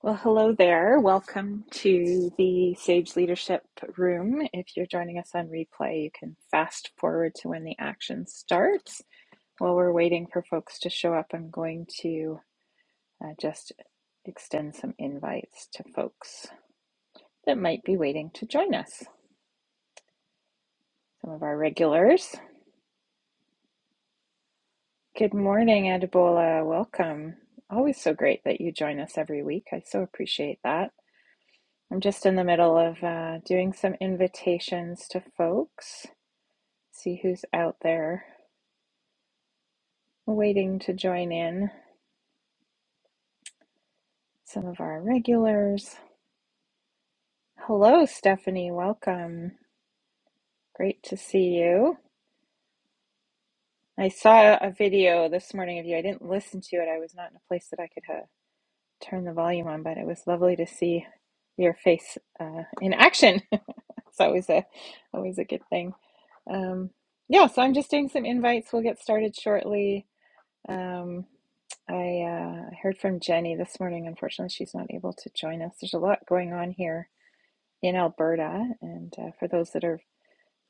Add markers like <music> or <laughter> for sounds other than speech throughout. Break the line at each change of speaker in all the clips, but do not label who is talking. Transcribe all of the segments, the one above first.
Well, hello there. Welcome to the Sage Leadership Room. If you're joining us on replay, you can fast forward to when the action starts. While we're waiting for folks to show up, I'm going to uh, just extend some invites to folks that might be waiting to join us. Some of our regulars. Good morning, Adebola. Welcome. Always so great that you join us every week. I so appreciate that. I'm just in the middle of uh, doing some invitations to folks. see who's out there waiting to join in. Some of our regulars. Hello, Stephanie. Welcome. Great to see you. I saw a video this morning of you. I didn't listen to it. I was not in a place that I could uh, turn the volume on, but it was lovely to see your face uh, in action. <laughs> it's always a always a good thing. Um, yeah, so I'm just doing some invites. We'll get started shortly. Um, I uh, heard from Jenny this morning. Unfortunately, she's not able to join us. There's a lot going on here in Alberta, and uh, for those that are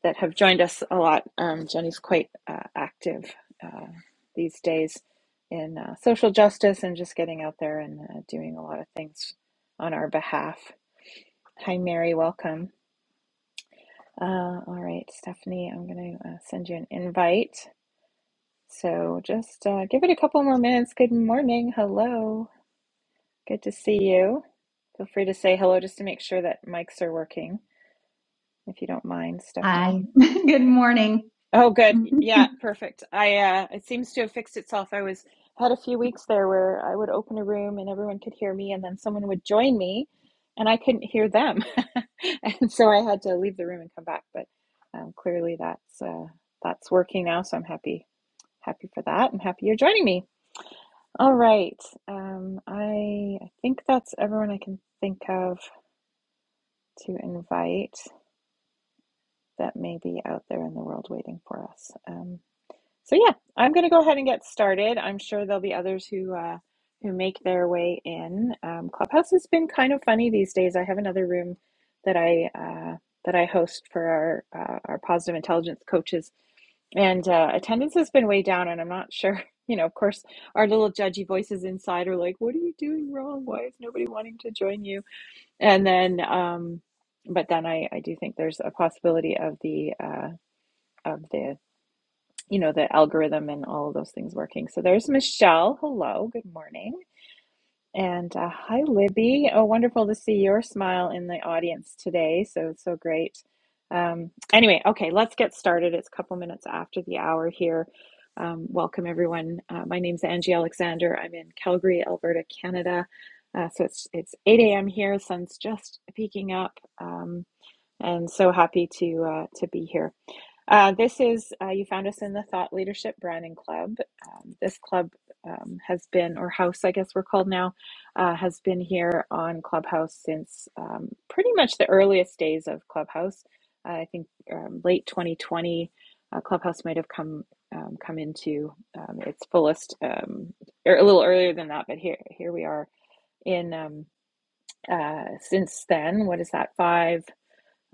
that have joined us a lot, um, Jenny's quite uh, active uh, these days in uh, social justice and just getting out there and uh, doing a lot of things on our behalf. Hi, Mary. Welcome. Uh, all right, Stephanie, I'm going to uh, send you an invite. So just uh, give it a couple more minutes. Good morning. Hello. Good to see you. Feel free to say hello just to make sure that mics are working, if you don't mind,
Hi.
Stephanie.
<laughs> Good morning.
Oh, good.
Mhm.
Yeah, perfect. I uh, it seems to have fixed itself. I was had a few weeks there where I would open a room and everyone could hear me, and then someone would join me, and I couldn't hear them, <laughs> and so I had to leave the room and come back. But um, clearly, that's uh, that's working now, so I'm happy happy for that. and happy you're joining me. All right. Um, I I think that's everyone I can think of. to invite that may be out there in the world waiting for us. Um, so yeah, I'm going to go ahead and get started. I'm sure there'll be others who uh, who make their way in. Um, Clubhouse has been kind of funny these days. I have another room that I uh, that I host for our uh, our positive intelligence coaches, and uh, attendance has been way down. And I'm not sure. <laughs> You know, of course, our little judgy voices inside are like, "What are you doing wrong? Why is nobody wanting to join you?" And then, um, but then I, I do think there's a possibility of the uh, of the you know the algorithm and all of those things working. So there's Michelle. Hello, good morning. And uh, hi, Libby. Oh, wonderful to see your smile in the audience today. So, so great. Um, anyway, okay, let's get started. It's a couple minutes after the hour here. Um, welcome, everyone. Uh, my name's Angie Alexander. I'm in Calgary, Alberta, Canada. Uh, so it's it's 8 a.m. here. Sun's just peeking up, um, and so happy to uh, to be here. Uh, this is, uh, you found us in the Thought Leadership Branding Club. Um, this club um, has been, or house, I guess we're called now, uh, has been here on Clubhouse since um, pretty much the earliest days of Clubhouse. Uh, I think um, late 2020, uh, Clubhouse might have come um, come into um, its fullest, um, or a little earlier than that, but here here we are in um, uh, since then. What is that, five?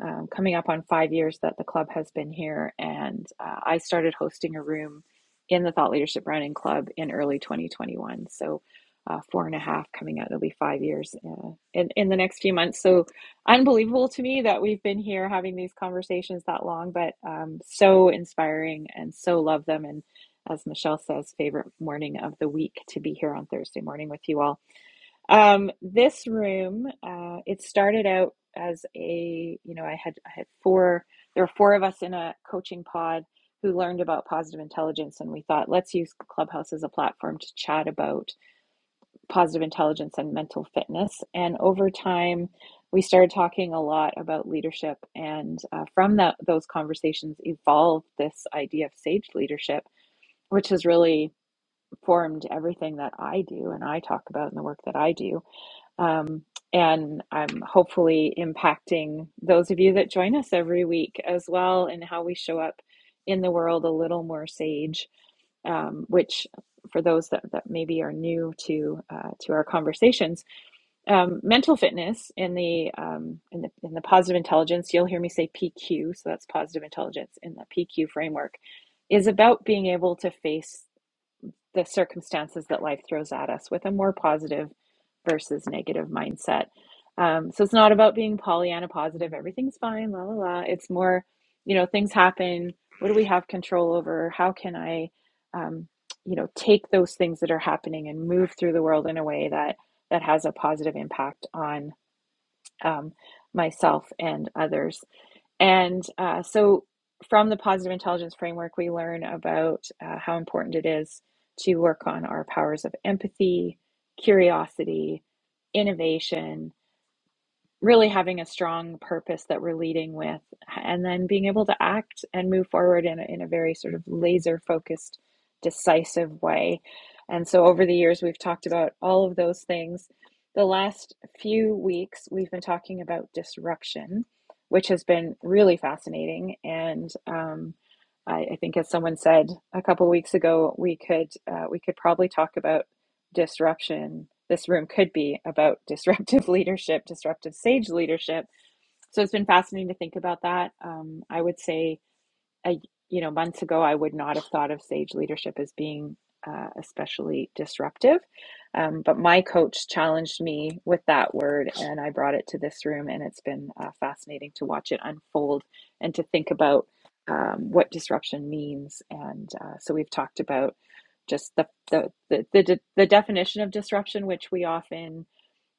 um, coming up on five years that the club has been here. And uh, I started hosting a room in the Thought Leadership Running Club in early 2021. So uh, four and a half coming out, it'll be five years uh, in, in the next few months. So unbelievable to me that we've been here having these conversations that long, but um, so inspiring and so love them. And as Michelle says, favorite morning of the week to be here on Thursday morning with you all. Um, this room, uh, it started out as a, you know, I had I had four, there were four of us in a coaching pod who learned about positive intelligence, and we thought, let's use Clubhouse as a platform to chat about positive intelligence and mental fitness. And over time, we started talking a lot about leadership, and uh, from that those conversations evolved this idea of sage leadership, which has really formed everything that I do and I talk about in the work that I do um, and I'm hopefully impacting those of you that join us every week as well in how we show up in the world a little more sage, um, which for those that, that maybe are new to uh, to our conversations, um, mental fitness in the, um, in the in the positive intelligence, you'll hear me say PQ, so that's positive intelligence in the PQ framework, is about being able to face the circumstances that life throws at us with a more positive versus negative mindset. Um, so it's not about being Pollyanna positive, everything's fine, la la la. It's more, you know, things happen. What do we have control over? How can I, um, you know, take those things that are happening and move through the world in a way that that has a positive impact on um, myself and others? And uh, so, from the positive intelligence framework, we learn about uh, how important it is to work on our powers of empathy, curiosity, innovation, really having a strong purpose that we're leading with and then being able to act and move forward in a, in a very sort of laser focused decisive way and so over the years we've talked about all of those things the last few weeks we've been talking about disruption which has been really fascinating and um, I, I think as someone said a couple weeks ago we could uh, we could probably talk about disruption. This room could be about <laughs> disruptive leadership, disruptive sage leadership. So it's been fascinating to think about that. Um, I would say a you know, months ago, I would not have thought of sage leadership as being uh, especially disruptive. Um, but my coach challenged me with that word, and I brought it to this room, and it's been uh, fascinating to watch it unfold and to think about um, what disruption means. And uh, so we've talked about just the the, the the the definition of disruption, which we often,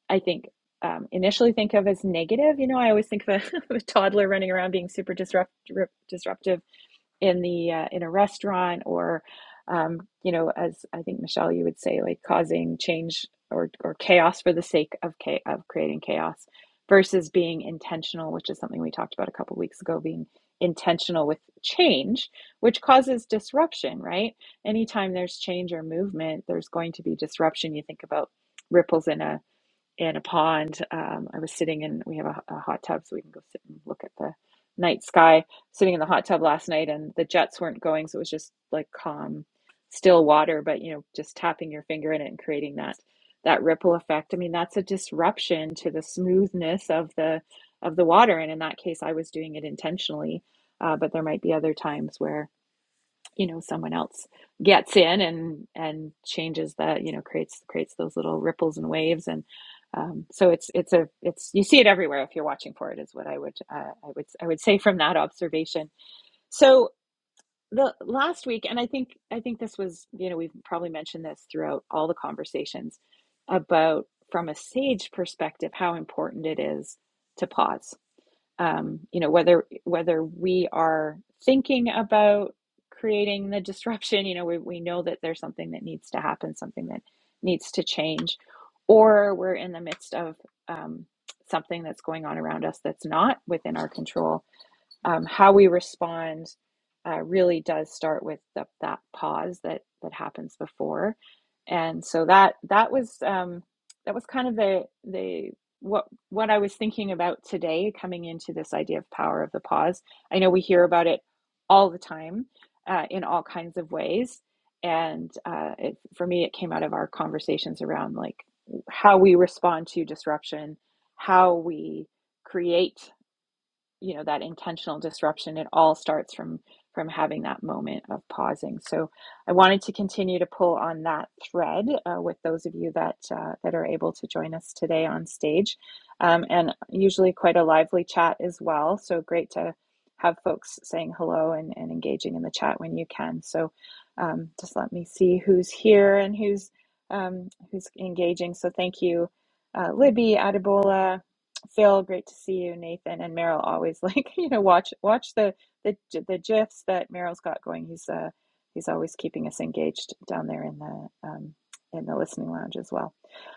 I think. Um, initially think of as negative you know i always think of a, <laughs> a toddler running around being super disrupt, disruptive in the uh, in a restaurant or um, you know as i think michelle you would say like causing change or, or chaos for the sake of cha- of creating chaos versus being intentional which is something we talked about a couple of weeks ago being intentional with change which causes disruption right anytime there's change or movement there's going to be disruption you think about ripples in a in a pond. Um, I was sitting in, we have a, a hot tub so we can go sit and look at the night sky. Sitting in the hot tub last night and the jets weren't going, so it was just like calm, still water, but you know, just tapping your finger in it and creating that that ripple effect. I mean, that's a disruption to the smoothness of the of the water. And in that case, I was doing it intentionally, uh, but there might be other times where you know someone else gets in and and changes the you know creates creates those little ripples and waves and um, so it's it's a it's you see it everywhere if you're watching for it is what I would uh, I would I would say from that observation. So the last week and I think I think this was you know we've probably mentioned this throughout all the conversations about from a sage perspective how important it is to pause um, you know whether whether we are thinking about creating the disruption you know we, we know that there's something that needs to happen something that needs to change or we're in the midst of um, something that's going on around us that's not within our control um, how we respond uh, really does start with the, that pause that that happens before and so that that was um, that was kind of the the what what I was thinking about today coming into this idea of power of the pause I know we hear about it all the time uh, in all kinds of ways and uh, it, for me it came out of our conversations around like how we respond to disruption how we create you know that intentional disruption it all starts from from having that moment of pausing so i wanted to continue to pull on that thread uh, with those of you that uh, that are able to join us today on stage um, and usually quite a lively chat as well so great to have folks saying hello and, and engaging in the chat when you can so um, just let me see who's here and who's um, who's engaging so thank you uh, libby adebola Phil, great to see you. Nathan and Meryl always <laughs> like you know watch watch the the the gifs that Meryl's got going. He's uh he's always keeping us engaged down there in the um, in the listening lounge as well.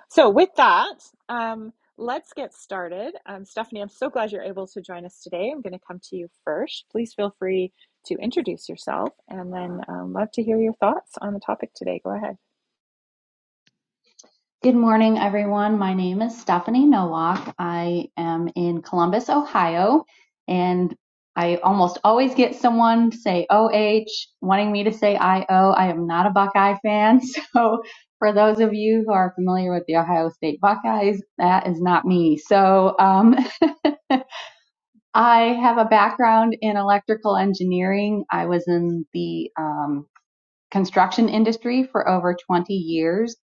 So with that, um, let's get started. Um, Stephanie, I'm so glad you're able to join us today. I'm going to come to you first. Please feel free to introduce yourself, and then um, love to hear your thoughts on the topic today. Go ahead.
Good morning, everyone. My name is Stephanie Nowak. I am in Columbus, Ohio, and I almost always get someone to say OH, wanting me to say IO. I am not a Buckeye fan. <laughs> So, for those of you who are familiar with the Ohio State Buckeyes, that is not me. So, um, <laughs> I have a background in electrical engineering. I was in the um, construction industry for over 20 years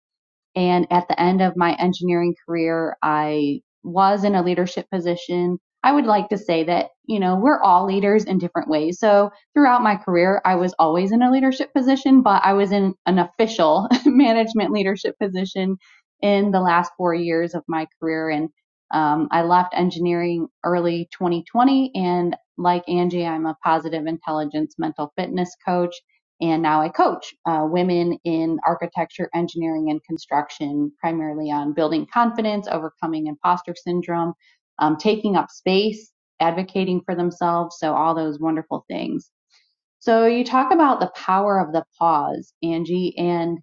And at the end of my engineering career, I was in a leadership position. I would like to say that, you know, we're all leaders in different ways. So throughout my career, I was always in a leadership position, but I was in an official <laughs> management leadership position in the last four years of my career. And um, I left engineering early 2020. And like Angie, I'm a positive intelligence mental fitness coach and now I coach uh, women in architecture, engineering, and construction, primarily on building confidence, overcoming imposter syndrome, um, taking up space, advocating for themselves. So, all those wonderful things. So, you talk about the power of the pause, Angie, and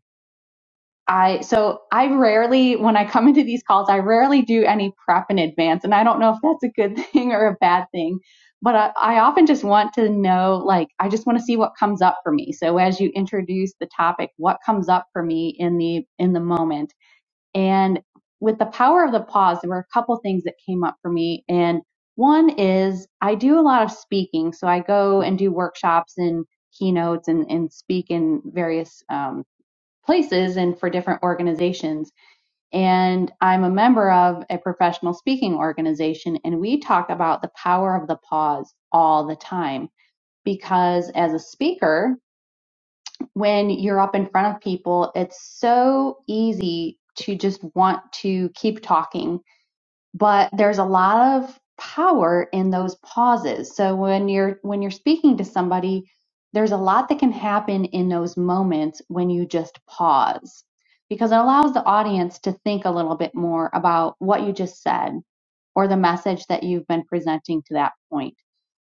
I so I rarely when I come into these calls I rarely do any prep in advance and I don't know if that's a good <laughs> thing or a bad thing but I, I often just want to know like I just want to see what comes up for me so as you introduce the topic what comes up for me in the in the moment and with the power of the pause there were a couple things that came up for me and one is I do a lot of speaking so I go and do workshops and keynotes and, and speak in various um, places and for different organizations. And I'm a member of a professional speaking organization, and we talk about the power of the pause all the time. Because as a speaker, when you're up in front of people, it's so easy to just want to keep talking but there's a lot of power in those pauses so when you're when you're speaking to somebody there's a lot that can happen in those moments when you just pause because it allows the audience to think a little bit more about what you just said or the message that you've been presenting to that point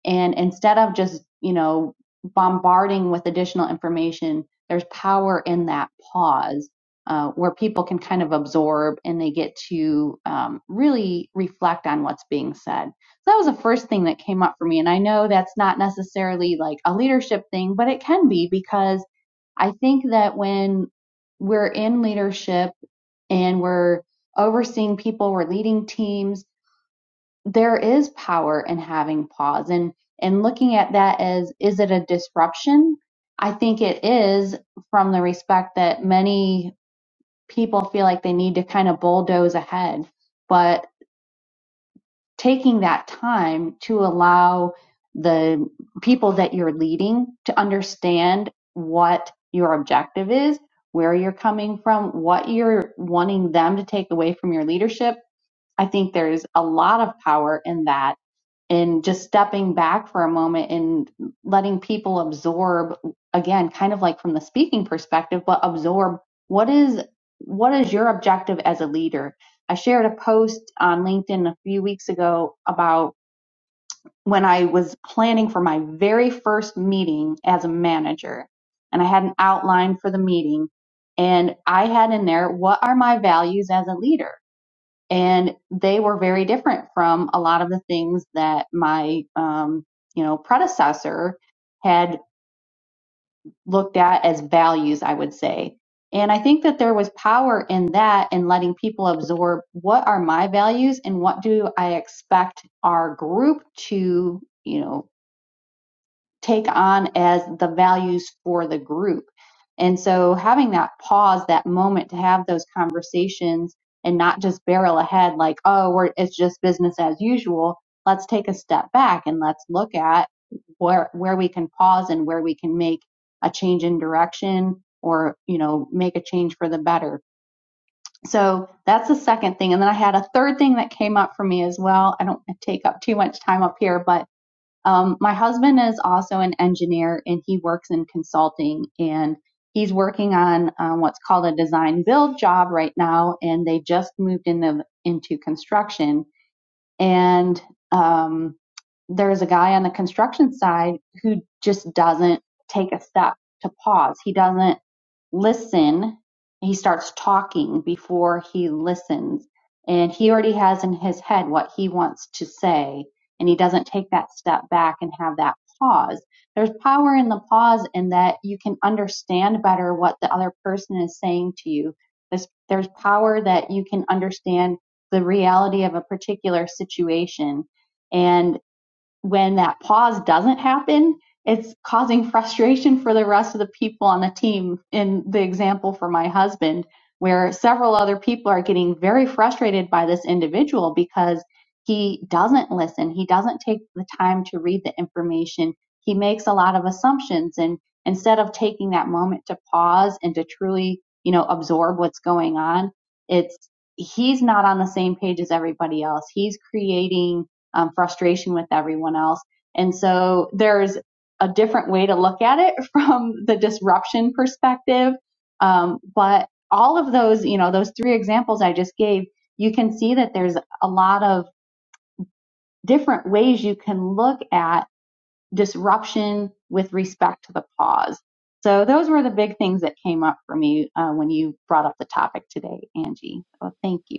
and instead of just, you know, bombarding with additional information, there's power in that pause uh, where people can kind of absorb and they get to um, really reflect on what's being said. So that was the first thing that came up for me. And I know that's not necessarily like a leadership thing, but it can be because I think that when we're in leadership and we're overseeing people, we're leading teams, there is power in having pause and and looking at that as is it a disruption i think it is from the respect that many people feel like they need to kind of bulldoze ahead but taking that time to allow the people that you're leading to understand what your objective is where you're coming from what you're wanting them to take away from your leadership i think there's a lot of power in that and just stepping back for a moment and letting people absorb again kind of like from the speaking perspective but absorb what is what is your objective as a leader i shared a post on linkedin a few weeks ago about when i was planning for my very first meeting as a manager and i had an outline for the meeting and i had in there what are my values as a leader and they were very different from a lot of the things that my um, you know predecessor had looked at as values i would say and i think that there was power in that in letting people absorb what are my values and what do i expect our group to you know take on as the values for the group. And so having that pause, that moment to have those conversations and not just barrel ahead like, oh, we're, it's just business as usual. Let's take a step back and let's look at where, where we can pause and where we can make a change in direction or, you know, make a change for the better. So that's the second thing. And then I had a third thing that came up for me as well. I don't take up too much time up here, but um, my husband is also an engineer and he works in consulting and he's working on uh, what's called a design build job right now and they just moved into, into construction and um, there's a guy on the construction side who just doesn't take a step to pause. He doesn't listen he starts talking before he listens and he already has in his head what he wants to say and he doesn't take that step back and have that pause there's power in the pause in that you can understand better what the other person is saying to you there's, there's power that you can understand the reality of a particular situation and when that pause doesn't happen, it's causing frustration for the rest of the people on the team. In the example for my husband, where several other people are getting very frustrated by this individual because he doesn't listen, he doesn't take the time to read the information, he makes a lot of assumptions. And instead of taking that moment to pause and to truly, you know, absorb what's going on, it's he's not on the same page as everybody else. He's creating um, frustration with everyone else. And so there's a different way to look at it <laughs> from the disruption perspective. Um, but all of those, you know, those three examples I just gave, you can see that there's a lot of different ways you can look at disruption with respect to the pause. So those were the big things that came up for me uh, when you brought up the topic today, Angie. So thank you.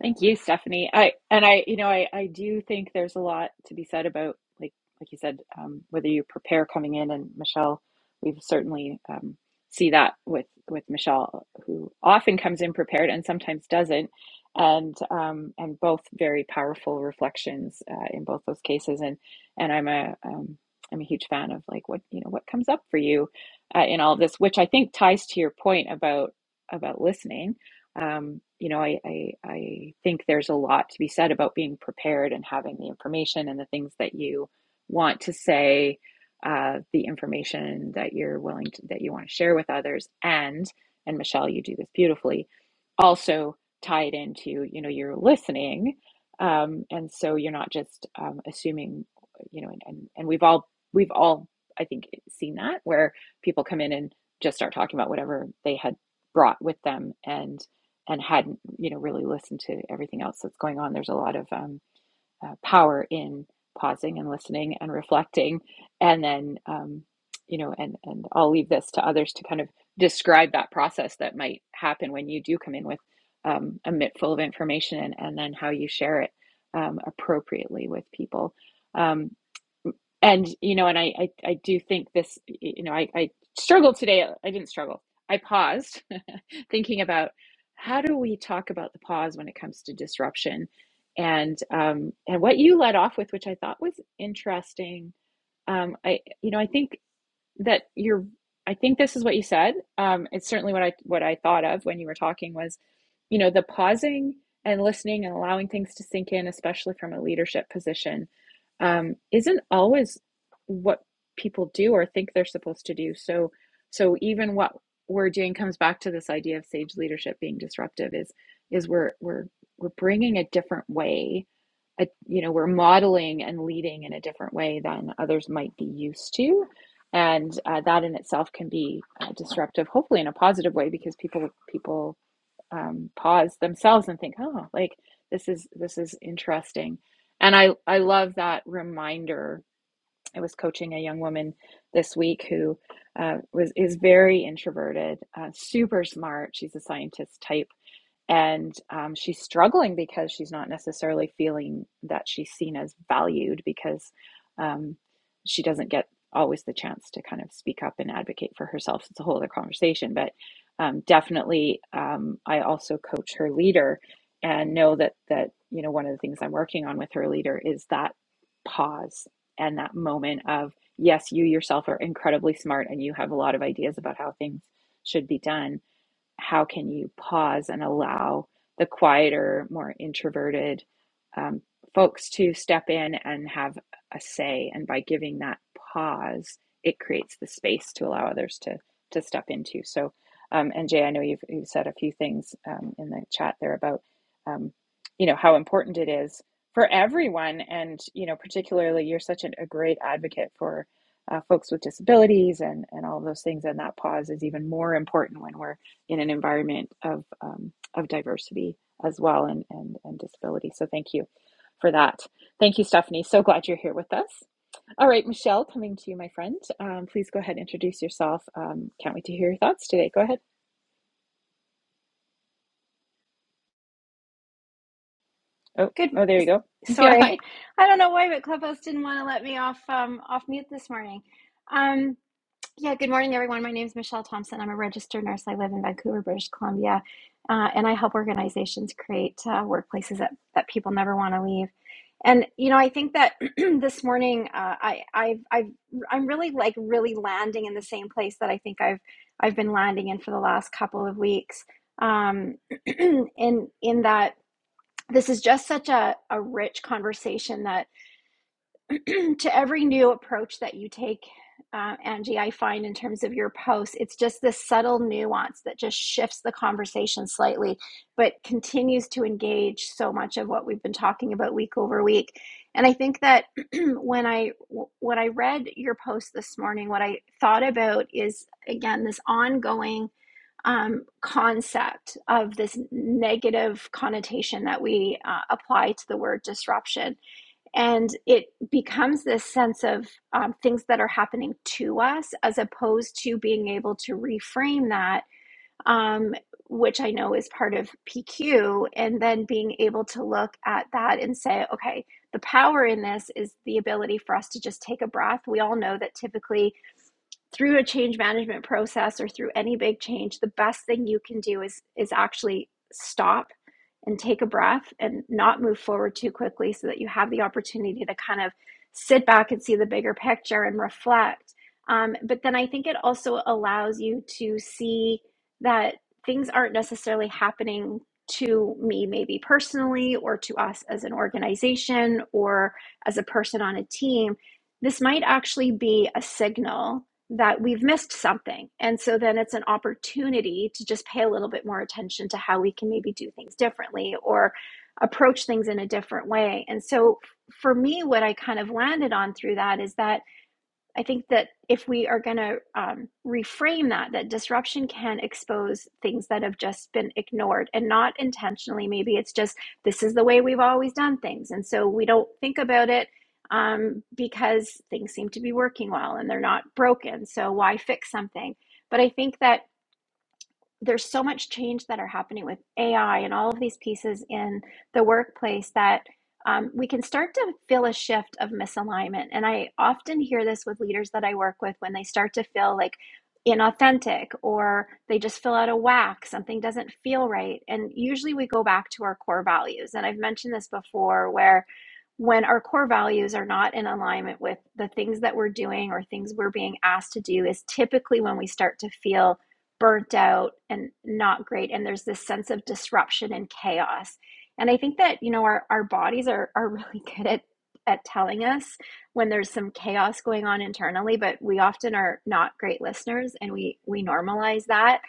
Thank you, Stephanie. I and I, you know, I I do think there's a lot to be said about like like you said, um, whether you prepare coming in and Michelle, we've certainly um, see that with with Michelle, who often comes in prepared and sometimes doesn't, and um, and both very powerful reflections uh, in both those cases. And and I'm a um, I'm a huge fan of like what you know what comes up for you uh, in all of this, which I think ties to your point about about listening um, you know, I, I I think there's a lot to be said about being prepared and having the information and the things that you want to say, uh, the information that you're willing to, that you want to share with others, and and Michelle, you do this beautifully. Also tie it into you know you're listening, um, and so you're not just um, assuming, you know, and, and and we've all we've all I think seen that where people come in and just start talking about whatever they had brought with them and and hadn't you know really listened to everything else that's going on there's a lot of um, uh, power in pausing and listening and reflecting and then um, you know and and i'll leave this to others to kind of describe that process that might happen when you do come in with um, a mitt full of information and, and then how you share it um, appropriately with people Um, and you know and I, I i do think this you know i i struggled today uh, i didn't struggle i paused <laughs> thinking about how do we talk about the pause when it comes to disruption and um and what you led off with which i thought was interesting um i you know i think that you're i think this is what you said um, it's certainly what i what i thought of when you were talking was you know the pausing and listening and allowing things to sink in especially from a leadership position um, isn't always what people do or think they're supposed to do so so even what we're doing comes back to this idea of sage leadership being disruptive is is we're we're we're bringing a different way a, you know we're modeling and leading in a different way than others might be used to and uh, that in itself can be uh, disruptive hopefully in a positive way because people people um, pause themselves and think oh like this is this is interesting and i i love that reminder i was coaching a young woman this week who uh, was is very introverted uh, super smart she's a scientist type and um, she's struggling because she's not necessarily feeling that she's seen as valued because um, she doesn't get always the chance to kind of speak up and advocate for herself. It's a whole other conversation, but um, definitely, um, I also coach her leader and know that that you know one of the things I'm working on with her leader is that pause and that moment of yes, you yourself are incredibly smart and you have a lot of ideas about how things should be done how can you pause and allow the quieter, more introverted um, folks to step in and have a say? And by giving that pause, it creates the space to allow others to to step into. So, um, and Jay, I know you've, you've said a few things um, in the chat there about um, you know how important it is for everyone, and you know particularly you're such an, a great advocate for. Uh, folks with disabilities and, and all those things and that pause is even more important when we're in an environment of um, of diversity as well and, and and disability. So thank you for that. Thank you, Stephanie. So glad you're here with us. All right, Michelle, coming to you, my friend. Um, please go ahead and introduce yourself. Um, can't wait to hear your thoughts today. Go ahead. Oh,
Good.
oh, there you go. <laughs> Yeah,
Sorry,
hi.
I don't know why, but Clubhouse didn't want to let me off um, off mute this morning. Um, yeah. Good morning, everyone. My name is Michelle Thompson. I'm a registered nurse. I live in Vancouver, British Columbia, uh, and I help organizations create uh, workplaces that that people never want to leave. And you know, I think that <clears throat> this morning, uh, I I've, I've I'm really like really landing in the same place that I think I've I've been landing in for the last couple of weeks. Um, <clears throat> in in that this is just such a, a rich conversation that <clears throat> to every new approach that you take, uh, Angie, I find in terms of your posts, it's just this subtle nuance that just shifts the conversation slightly, but continues to engage so much of what we've been talking about week over week. And I think that <clears throat> when I when I read your post this morning, what I thought about is again this ongoing um, concept of this negative connotation that we uh, apply to the word disruption and it becomes this sense of um, things that are happening to us as opposed to being able to reframe that um, which i know is part of pq and then being able to look at that and say okay the power in this is the ability for us to just take a breath we all know that typically through a change management process or through any big change, the best thing you can do is is actually stop and take a breath and not move forward too quickly so that you have the opportunity to kind of sit back and see the bigger picture and reflect. Um, but then I think it also allows you to see that things aren't necessarily happening to me, maybe personally, or to us as an organization or as a person on a team. This might actually be a signal that we've missed something. And so then it's an opportunity to just pay a little bit more attention to how we can maybe do things differently or approach things in a different way. And so for me, what I kind of landed on through that is that I think that if we are going to um, reframe that, that disruption can expose things that have just been ignored and not intentionally. Maybe it's just this is the way we've always done things. And so we don't think about it um, because things seem to be working well and they're not broken. So why fix something? But I think that there's so much change that are happening with AI and all of these pieces in the workplace that um, we can start to feel a shift of misalignment. And I often hear this with leaders that I work with when they start to feel like inauthentic or they just feel out of whack, something doesn't feel right. And usually we go back to our core values. And I've mentioned this before where when our core values are not in alignment with the things that we're doing or things we're being asked to do is typically when we start to feel burnt out and not great and there's this sense of disruption and chaos and i think that you know our, our bodies are are <laughs> really good at at telling us when there's some chaos going on internally but we often are not great listeners and we we normalize that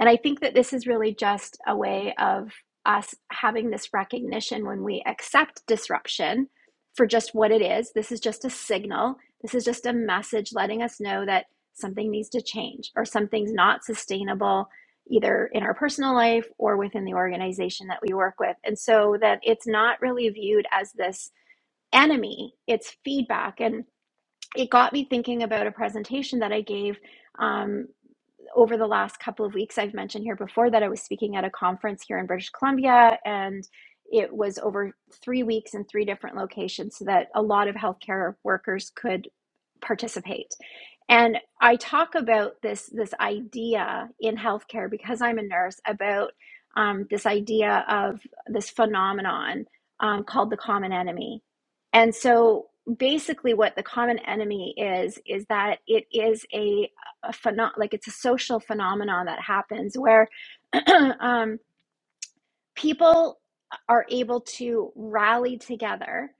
and i think that this is really just a way of us having this recognition when we accept disruption for just what it is this is just a signal this is just a message letting us know that something needs to change or something's not sustainable either in our personal life or within the organization that we work with and so that it's not really viewed as this enemy it's feedback and it got me thinking about a presentation that i gave um, over the last couple of weeks, I've mentioned here before that I was speaking at a conference here in British Columbia, and it was over three weeks in three different locations so that a lot of healthcare workers could participate. And I talk about this, this idea in healthcare because I'm a nurse about um, this idea of this phenomenon um, called the common enemy. And so basically, what the common enemy is, is that it is a a phenom- like it's a social phenomenon that happens where <clears throat> um, people are able to rally together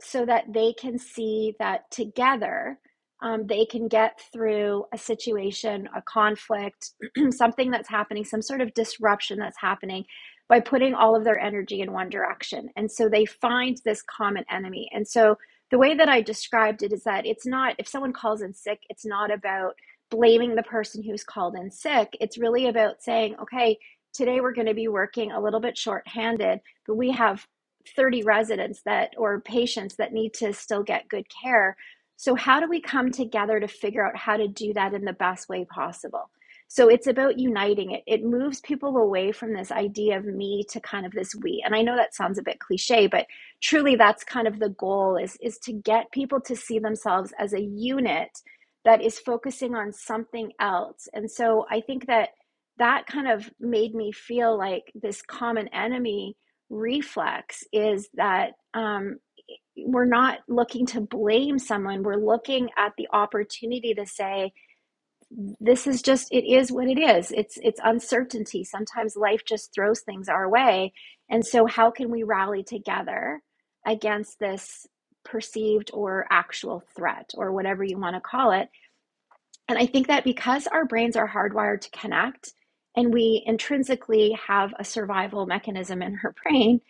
so that they can see that together um, they can get through a situation, a conflict, <clears throat> something that's happening, some sort of disruption that's happening by putting all of their energy in one direction. And so they find this common enemy. And so the way that I described it is that it's not, if someone calls in sick, it's not about blaming the person who's called in sick. It's really about saying, okay, Today we're going to be working a little bit shorthanded, but we have 30 residents that or patients that need to still get good care. So how do we come together to figure out how to do that in the best way possible? So it's about uniting it. It moves people away from this idea of me to kind of this we. And I know that sounds a bit cliche, but truly that's kind of the goal is is to get people to see themselves as a unit that is focusing on something else. And so I think that that kind of made me feel like this common enemy reflex is that um, we're not looking to blame someone we're looking at the opportunity to say this is just it is what it is it's it's uncertainty sometimes life just throws things our way and so how can we rally together against this perceived or actual threat or whatever you want to call it and I think that because our brains are hardwired to connect and we intrinsically have a survival mechanism in our <laughs> brain,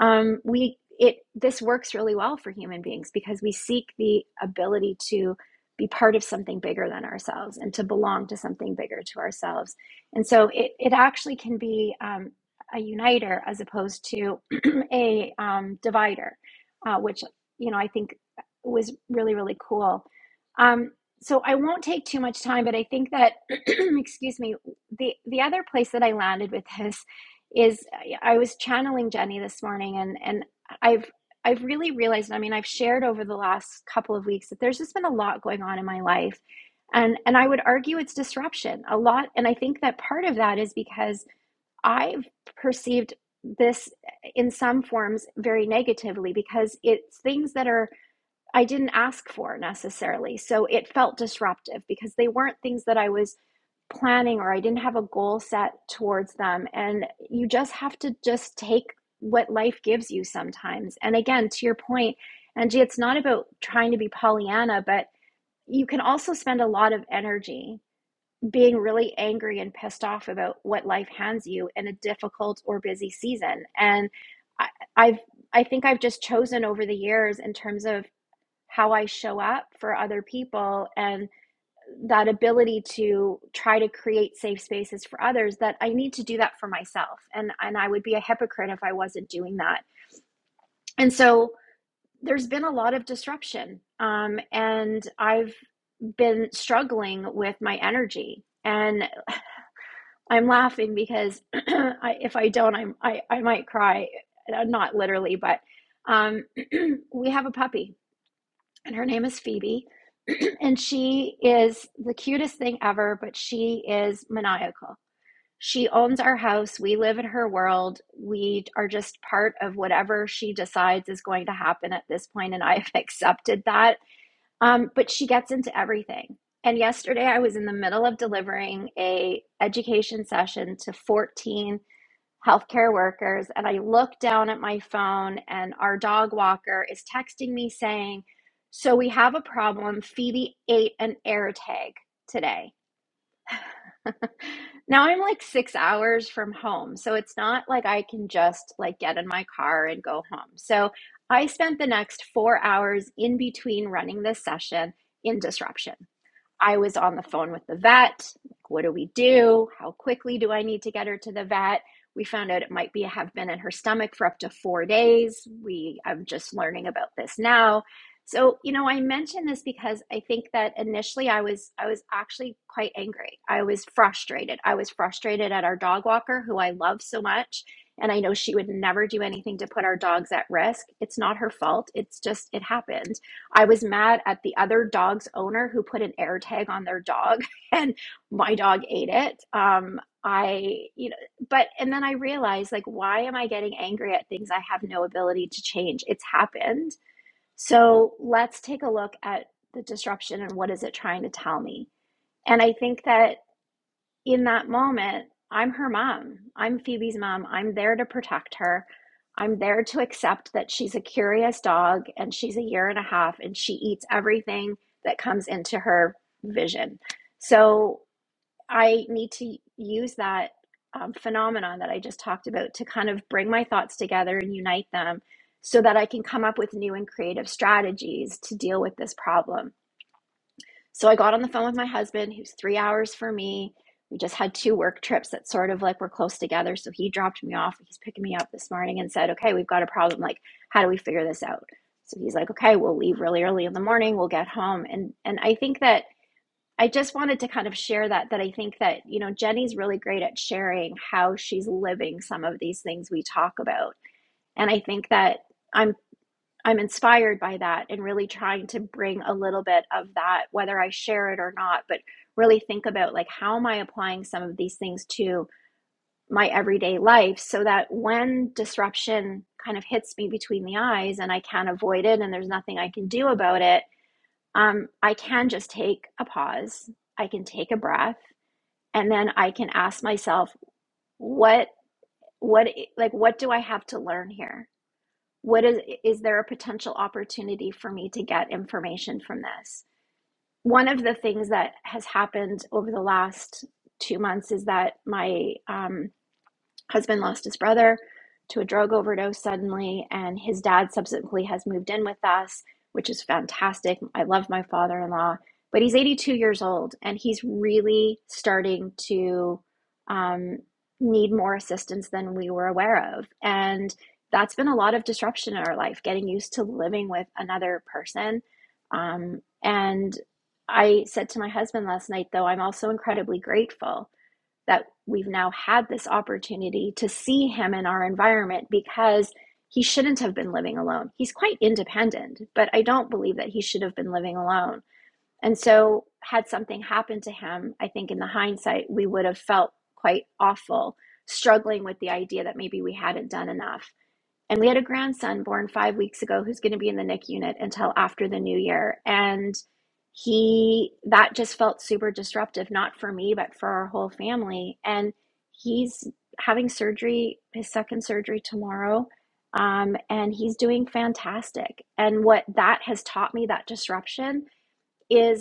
um, we it this works really well for human beings because we seek the ability to be part of something bigger than ourselves and to belong to something bigger to ourselves. And so it, it actually can be um, a uniter as opposed to <clears throat> a um, divider, uh, which, you know, I think was really, really cool. Um, so I won't take too much time, but I think that <clears throat> excuse me, the the other place that I landed with this is I was channeling Jenny this morning and and I've I've really realized, I mean, I've shared over the last couple of weeks that there's just been a lot going on in my life. And and I would argue it's disruption. A lot and I think that part of that is because I've perceived this in some forms very negatively because it's things that are I didn't ask for necessarily. So it felt disruptive because they weren't things that I was planning or I didn't have a goal set towards them. And you just have to just take what life gives you sometimes. And again, to your point, Angie, it's not about trying to be Pollyanna, but you can also spend a lot of energy being really angry and pissed off about what life hands you in a difficult or busy season. And I, I've I think I've just chosen over the years in terms of how I show up for other people and that ability to try to create safe spaces for others that I need to do that for myself and and I would be a hypocrite if I wasn't doing that. And so there's been a lot of disruption um, and I've been struggling with my energy and I'm laughing because <clears throat> I, if I don't I'm I, I might cry Uh, not literally but um, <clears throat> we have a puppy and her name is Phoebe. <clears throat> and she is the cutest thing ever, but she is maniacal. She owns our house. We live in her world. We are just part of whatever she decides is going to happen at this point, and I've <laughs> accepted that. Um, but she gets into everything. And yesterday, I was in the middle of delivering a education session to 14 healthcare workers and I look down at my phone and our dog walker is texting me saying, "So we have a problem. Phoebe ate an air tag today." <laughs> Now I'm like 6 hours from home, so it's not like I can just like get in my car and go home. So I spent the next 4 hours in between running this session in disruption. I was on the phone with the vet. like, What do we do? How quickly do I need to get her to the vet? We found out it might be have been in her stomach for up to four days. We I'm just learning about this now. So, you know, I mention this because I think that initially I was I was actually quite angry. I was frustrated. I was frustrated at our dog walker who I love so much and I know she would never do anything to put our dogs at risk. It's not her fault. It's just it happened I was mad at the other dog's owner who put an air tag on their dog <laughs> and my dog ate it. Um, I, you know, but, and then I realized like, why am I getting angry at things I have no ability to change? It's happened. So let's take a look at the disruption and what is it trying to tell me? And I think that in that moment, I'm her mom. I'm Phoebe's mom. I'm there to protect her. I'm there to accept that she's a curious dog and she's a year and a half and she eats everything that comes into her vision. So I need to use that um, phenomenon that I just talked about to kind of bring my thoughts together and unite them so that I can come up with new and creative strategies to deal with this problem so I got on the phone with my husband, who's three hours for me. We just had two work trips that sort of like were close together. So he dropped me off. He's picking me up this morning and said, Okay, we've got a problem. Like, how do we figure this out? So he's like, Okay, we'll leave really early in the morning. We'll get home. And and I think that I just wanted to kind of share that that I think that, you know, Jenny's really great at sharing how she's living some of these things we talk about. And I think that I'm. I'm inspired by that and really trying to bring a little bit of that, whether I share it or not, but really think about like how am I applying some of these things to my everyday life so that when disruption kind of hits me between the eyes and I can't avoid it and there's nothing I can do about it, um, I can just take a pause, I can take a breath, and then I can ask myself, what, what, like, what do I have to learn here? what is is there a potential opportunity for me to get information from this one of the things that has happened over the last two months is that my um, husband lost his brother to a drug overdose suddenly, and his dad subsequently has moved in with us, which is fantastic. I love my father in law, but he's 82 years old and he's really starting to um, need more assistance than we were aware of. And that's been a lot of disruption in our life, getting used to living with another person. Um, and I said to my husband last night, though, I'm also incredibly grateful that we've now had this opportunity to see him in our environment because he shouldn't have been living alone. He's quite independent, but I don't believe that he should have been living alone. And so, had something happened to him, I think in the hindsight, we would have felt quite awful, struggling with the idea that maybe we hadn't done enough. And we had a grandson born five weeks ago who's going to be in the NICU unit until after the new year. And he, that just felt super disruptive, not for me, but for our whole family. And he's having surgery, his second surgery tomorrow. Um, and he's doing fantastic. And what that has taught me, that disruption, is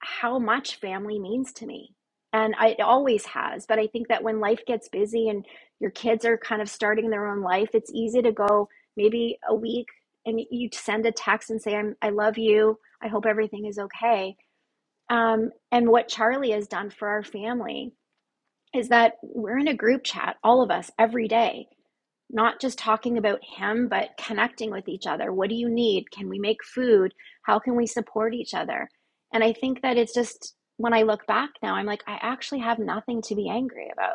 how much family means to me. And I, it always has. But I think that when life gets busy and your kids are kind of starting their own life, it's easy to go maybe a week and you send a text and say, I'm, I love you. I hope everything is okay. Um, and what Charlie has done for our family is that we're in a group chat, all of us, every day not just talking about him, but connecting with each other. What do you need? Can we make food? How can we support each other? And I think that it's just when I look back now, I'm like, I actually have nothing to be angry about.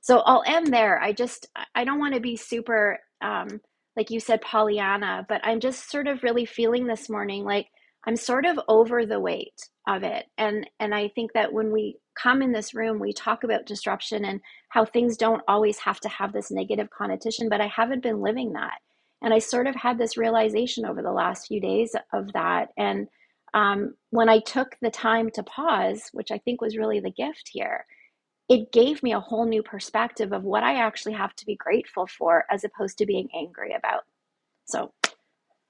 So I'll end there. I just, I don't want to be super, um, like you said, Pollyanna, but I'm just sort of really feeling this morning like I'm sort of over the weight of it. And, and I think that when we come in this room, we talk about disruption and how things don't always have to have this negative connotation, but I haven't been living that. And I sort of had this realization over the last few days of that. And um, when I took the time to pause, which I think was really the gift here, it gave me a whole new perspective of what I actually have to be grateful for as opposed to being angry about. So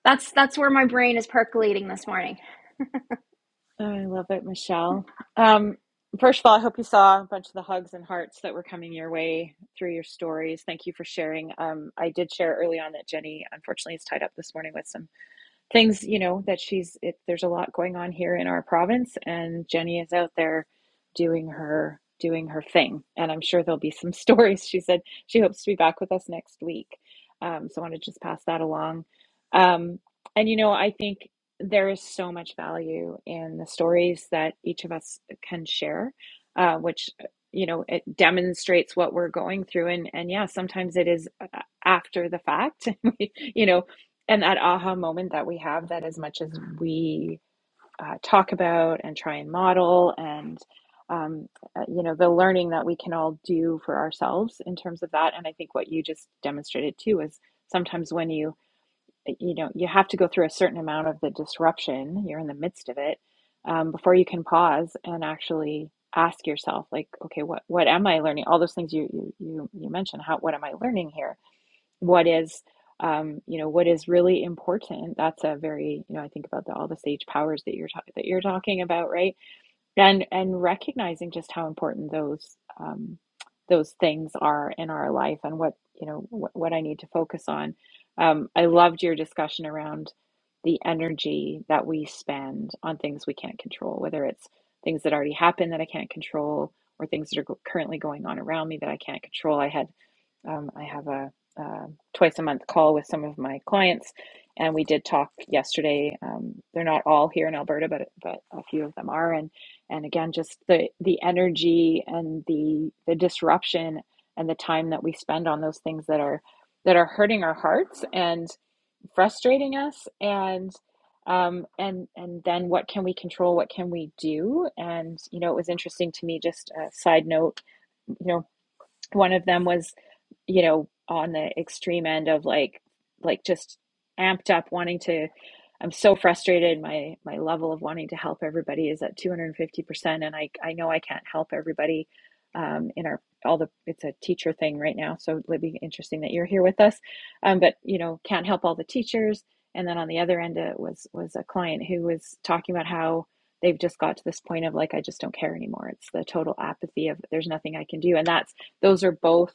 that's that's where my brain is percolating this morning.
Oh, I love it, Michelle. Um, first of all, I hope you saw a bunch of the hugs and hearts that were coming your way through your stories. Thank you for sharing. Um, I did share early on that Jenny, unfortunately, is tied up this morning with some things you know that she's it, there's a lot going on here in our province and jenny is out there doing her doing her thing and i'm sure there'll be some <laughs> stories she said she hopes to be back with us next week um, so i want to just pass that along um, and you know i think there is so much value in the stories that each of us can share uh, which you know it demonstrates what we're going through and and yeah sometimes it is uh, after the fact <laughs> You know and that aha moment that we have that as much as we uh, talk about and try and model and um, uh, you know the learning that we can all do for ourselves in terms of that and i think what you just demonstrated too is sometimes when you you know you have to go through a certain amount of the disruption you're in the midst of it um, before you can pause and actually ask yourself like okay what what am i learning all those things you you you, you mentioned how what am i learning here what is um, you know what is really important that's a very you know i think about the, all the sage powers that you're talking that you're talking about right and and recognizing just how important those um, those things are in our life and what you know wh- what I need to focus on. Um, I loved your discussion around the energy that we spend on things we can't control, whether it's things that already happened that I can't control or things that are go- currently going on around me that I can't control. I had um, I have a, uh twice a month call with some of my clients, and we did talk yesterday. Um, they're not all here in Alberta, but but a few of them are, and and again just the the energy and the the disruption and the time that we spend on those things that are that are hurting our hearts and frustrating us and um and and then what can we control what can we do and you know it was interesting to me just a side note you know one of them was you know, on the extreme end of like like just amped up wanting to I'm so frustrated. My my level of wanting to help everybody is at 250%, and I I know I can't help everybody um, in our all the it's a teacher thing right now. So it'd be interesting that you're here with us. Um, but you know, can't help all the teachers. And then on the other end uh, was was a client who was talking about how they've just got to this point of like I just don't care anymore. It's the total apathy of there's nothing I can do, and that's those are both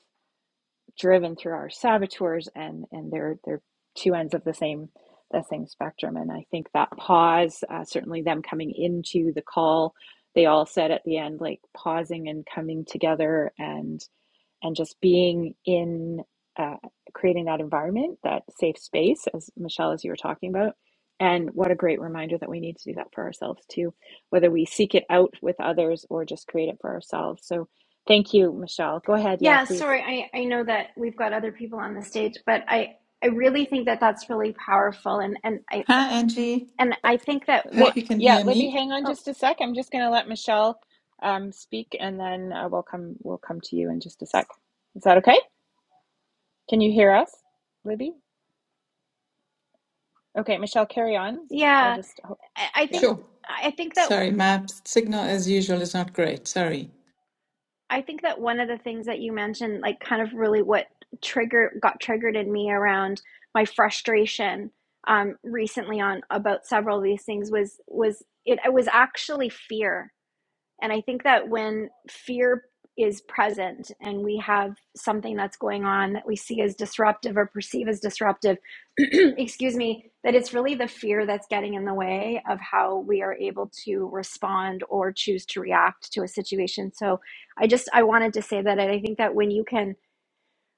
driven through our saboteurs and and they're they're two ends of the same the same spectrum and i think that pause uh, certainly them coming into the call they all said at the end like pausing and coming together and and just being in uh, creating that environment that safe space as michelle as you were talking about and what a great reminder that we need to do that for ourselves too whether we seek it out with others or just create it for ourselves so thank you michelle go ahead yeah
Yeah,
please
sorry. I, I know that we've got other people on the stage, but I, I really think that that's really powerful. And, and I,
Hi, Angie.
and I think that
Hope
one,
Li-
you can
yeah,
hear
Libby,
me.
hang on
oh
just a sec. I'm just going to let Michelle um, speak, and then uh, we'll come we'll come to you in just a sec. Is that okay? Can you hear us, Libby? Okay, Michelle, carry on. We'll
yeah,
just ho-
I, I
yeah
think,
Sure.
I think that
Sorry, my signal as usual is not great. Sorry.
I think that one of the things that you mentioned, like kind of really what trigger got triggered in me around my frustration um, recently on about several of these things was was it, it was actually fear and I think that when fear is present and we have something that's going on that we see as disruptive or perceive as disruptive, <clears throat> excuse me, that it's really the fear that's getting in the way of how we are able to respond or choose to react to a situation. So I just I wanted to say that I think that when you can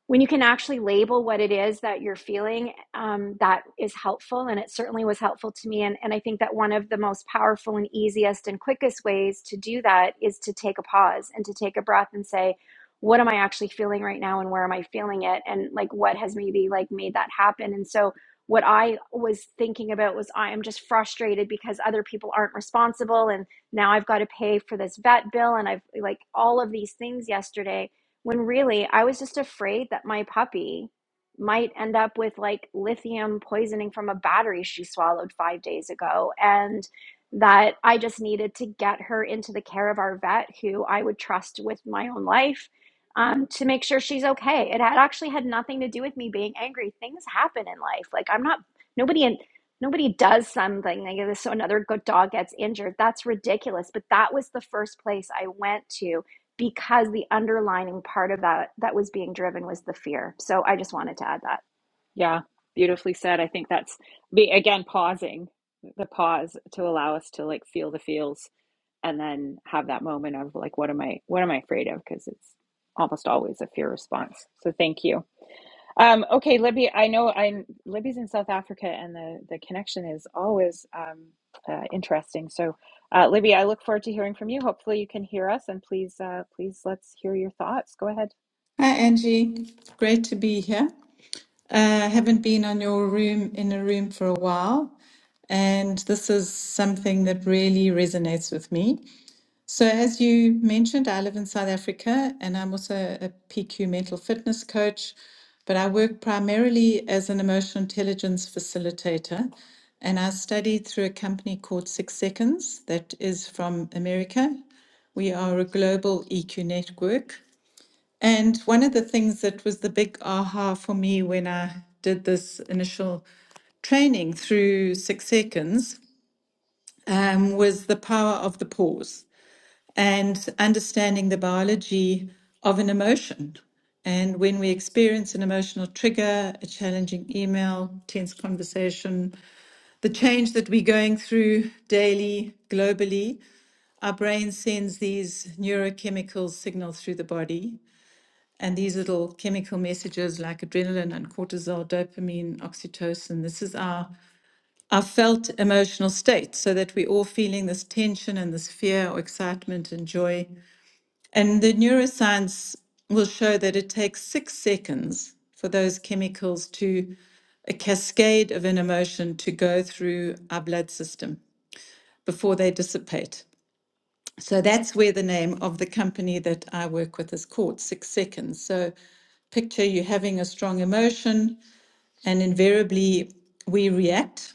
when you can actually label what it is that you're feeling, um, that is helpful. And it certainly was helpful to me. And, and I think that one of the most powerful and easiest and quickest ways to do that is to take a pause and to take a breath and say, what am I actually feeling right now and where am I feeling it? And like, what has maybe like made that happen? And so, what I was thinking about was I am just frustrated because other people aren't responsible. And now I've got to pay for this vet bill. And I've like all of these things yesterday when really I was just afraid that my puppy might end up with like lithium poisoning from a battery she swallowed five days ago. And that I just needed to get her into the care of our vet, who I would trust with my own life. Um, to make sure she's okay. It had actually had nothing to do with me being angry. Things happen in life. Like I'm not nobody in nobody does something like this so another good dog gets injured. That's ridiculous. But that was the first place I went to because the underlining part of that that was being driven was the fear. So I just wanted to add that.
yeah beautifully said. I think that's be again pausing the pause to allow us to like feel the feels and then have that moment of like what am I what am I afraid of because it's almost always a fear response. So thank you. Um, okay, Libby, I know I'm Libby's in South Africa and the, the connection is always um, uh, interesting. So, uh, Libby, I look forward to hearing from you. Hopefully you can hear us and please, uh, please let's hear your thoughts. Go ahead.
Hi, Angie. Great to be here. Uh, haven't been on your room in a room for a while, and this is something that really resonates with me. So, as you mentioned, I live in South Africa and I'm also a PQ mental fitness coach, but I work primarily as an emotional intelligence facilitator. And I studied through a company called Six Seconds that is from America. We are a global EQ network. And one of the things that was the big aha for me when I did this initial training through Six Seconds um, was the power of the pause and understanding the biology of an emotion. And when we experience an emotional trigger, a challenging email, tense conversation, the change that we're going through daily, globally, our brain sends these neurochemical signals through the body. And these little chemical messages like adrenaline and cortisol, dopamine, oxytocin, this is our, our felt emotional state, so that we're all feeling this tension and this fear or excitement and joy and the neuroscience will show that it takes six seconds for those chemicals to a cascade of an emotion to go through our blood system before they dissipate. So that's where the name of the company that I work with is called Six Seconds. So picture you having a strong emotion, and invariably we react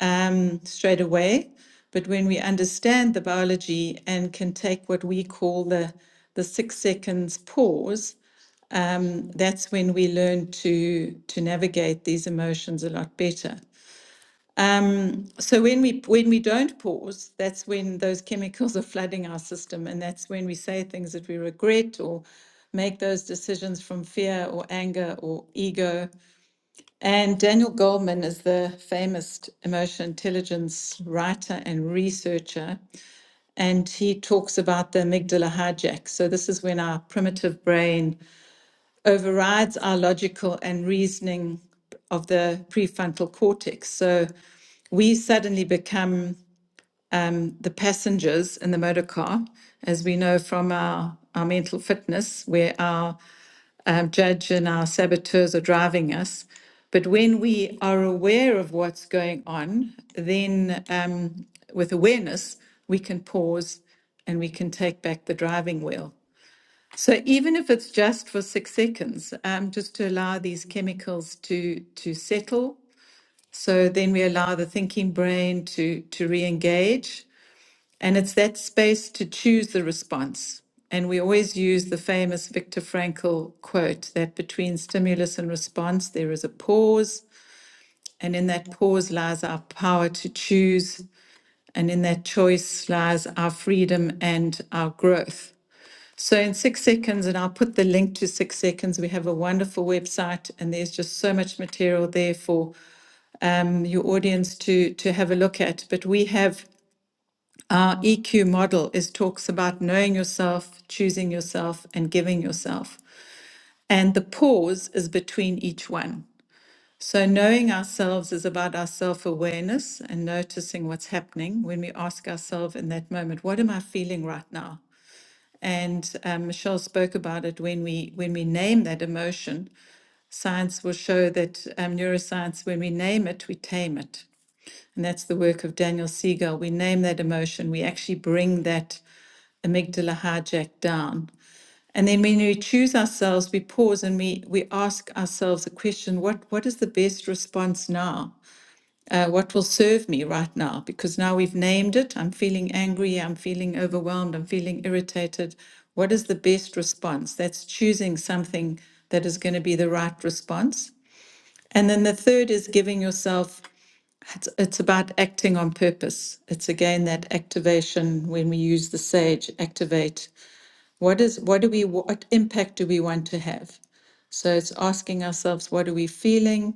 um, straight away. But when we understand the biology and can take what we call the the six seconds pause, um, that's when we learn to to navigate these emotions a lot better. So when we when we don't pause, that's when those chemicals are flooding our system, and that's when we say things that we regret or make those decisions from fear or anger or ego and Daniel Goldman is the famous emotional intelligence writer and researcher. And he talks about the amygdala hijack. So, this is when our primitive brain overrides our logical and reasoning of the prefrontal cortex. So, we suddenly become the passengers in the motor car, as we know from our, our mental fitness, where our um, judge and our saboteurs are driving us. But when we are aware of what's going on, then um, with awareness, we can pause and we can take back the driving wheel. So even if it's just for six seconds, um, just to allow these chemicals to to settle. So then we allow the thinking brain to to re-engage and it's that space to choose the response. And we always use the famous Viktor Frankl quote that between stimulus and response, there is a pause. And in that pause lies our power to choose. And in that choice lies our freedom and our growth. So, in six seconds, and I'll put the link to six seconds, we have a wonderful website, and there's just so much material there for um, your audience to, to have a look at. But we have our EQ model is talks about knowing yourself, choosing yourself, and giving yourself. And the pause is between each one. So, knowing ourselves is about our self awareness and noticing what's happening when we ask ourselves in that moment, What am I feeling right now? And um, Michelle spoke about it when we when we name that emotion. Science will show that um, neuroscience, when we name it, we tame it. And that's the work of Daniel Siegel. We name that emotion. We actually bring that amygdala hijacked down. And then when we choose ourselves, we pause and we, we ask ourselves a question what, what is the best response now? Uh, what will serve me right now? Because now we've named it. I'm feeling angry. I'm feeling overwhelmed. I'm feeling irritated. What is the best response? That's choosing something that is going to be the right response. And then the third is giving yourself, it's, it's about acting on purpose. It's again that activation when we use the sage, activate what is, what do we, what impact do we want to have? So it's asking ourselves, what are we feeling?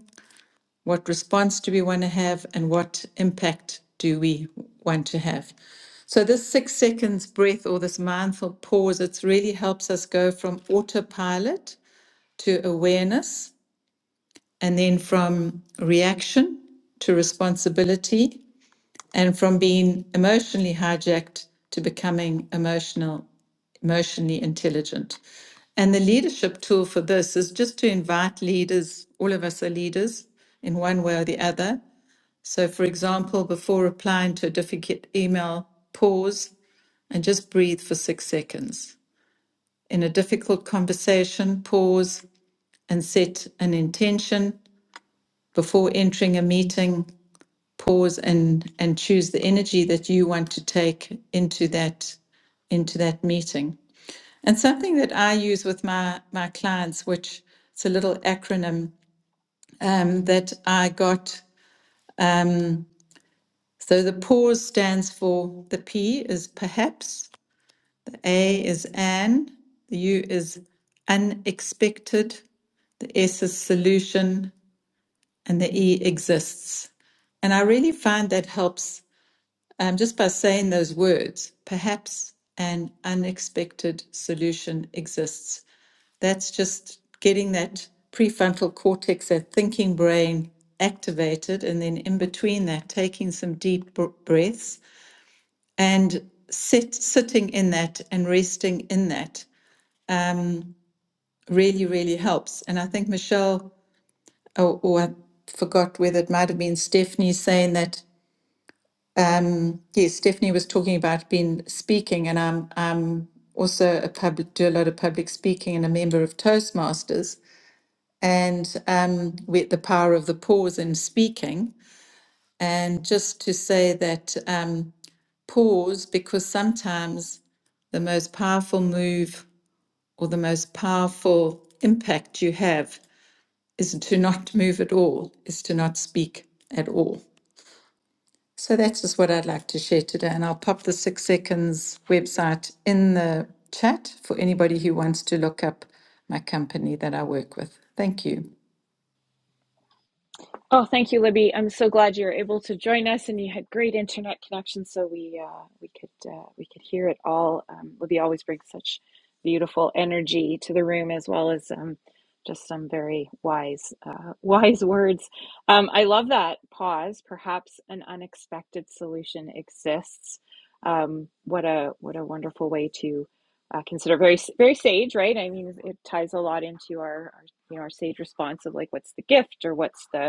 What response do we want to have? And what impact do we want to have? So this six seconds breath or this mindful pause, it really helps us go from autopilot to awareness and then from reaction to responsibility and from being emotionally hijacked to becoming emotional emotionally intelligent and the leadership tool for this is just to invite leaders all of us are leaders in one way or the other so for example before replying to a difficult email pause and just breathe for 6 seconds in a difficult conversation pause and set an intention before entering a meeting pause and and choose the energy that you want to take into that into that meeting. And something that I use with my my clients, which it's a little acronym um, that I got. Um, so the pause stands for the P is perhaps, the A is an, the U is unexpected, the S is solution, and the E exists. And I really find that helps um, just by saying those words, perhaps an unexpected solution exists. That's just getting that prefrontal cortex, that thinking brain activated, and then in between that, taking some deep breaths and sit, sitting in that and resting in that really, really helps. And I think Michelle, or, or I forgot whether it might have been Stephanie saying that Yes, Stephanie was talking about being speaking, and I'm I'm also a public do a lot of public speaking and a member of Toastmasters, and um, with the power of the pause in speaking, and just to say that um, pause because sometimes the most powerful move or the most powerful impact you have is to not <laughs> move at all, is to not speak at all. So that is just what I'd like to share today, and I'll pop the Six Seconds website in the chat for anybody who wants to look up my company that I work with. Thank you.
Oh, thank you, Libby. I'm so glad you were able to join us, and you had great internet connection, so we uh, we could uh, we could hear it all. Um, Libby always brings such beautiful energy to the room, as well as um, just some very wise uh, <laughs> wise words. Um, I love that pause. Perhaps an unexpected solution exists. Um, what a what a wonderful way to uh, consider very s- very sage, right? I mean, it ties a lot into our, our you know our sage response of like, what's the gift or what's the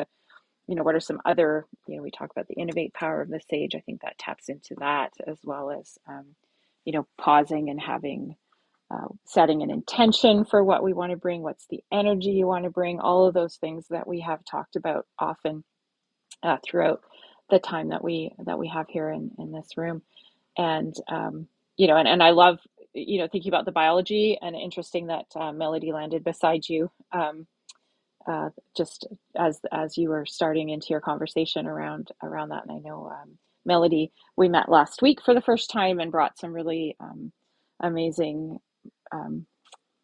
you know, what are some other, you know, we talk about the innovate power of the sage. I think that taps into that as well as, um, you know, pausing and having, uh, setting an intention for what we want to bring, what's the energy you want to bring, all of those things that we have talked about often uh, throughout the time that we that we have here in, in this room. And um, you know, and, and I love, you know, thinking about the biology and interesting that uh, Melody landed beside you. Um, uh, just as as you were starting into your conversation around around that. And I know um, Melody, we met last week for the first time and brought some really um, amazing um,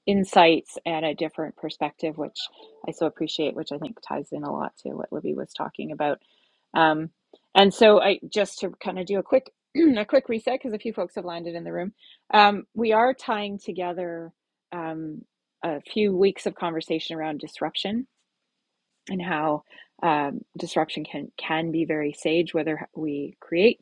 insights and a different perspective, which I so appreciate, which I think ties in a lot to what Libby was talking about. Um, and so, I just to kind of do a quick <clears throat> a quick reset because a few folks have landed in the room. Um, we are tying together um, a few weeks of conversation around disruption and how um, disruption can can be very sage, whether we create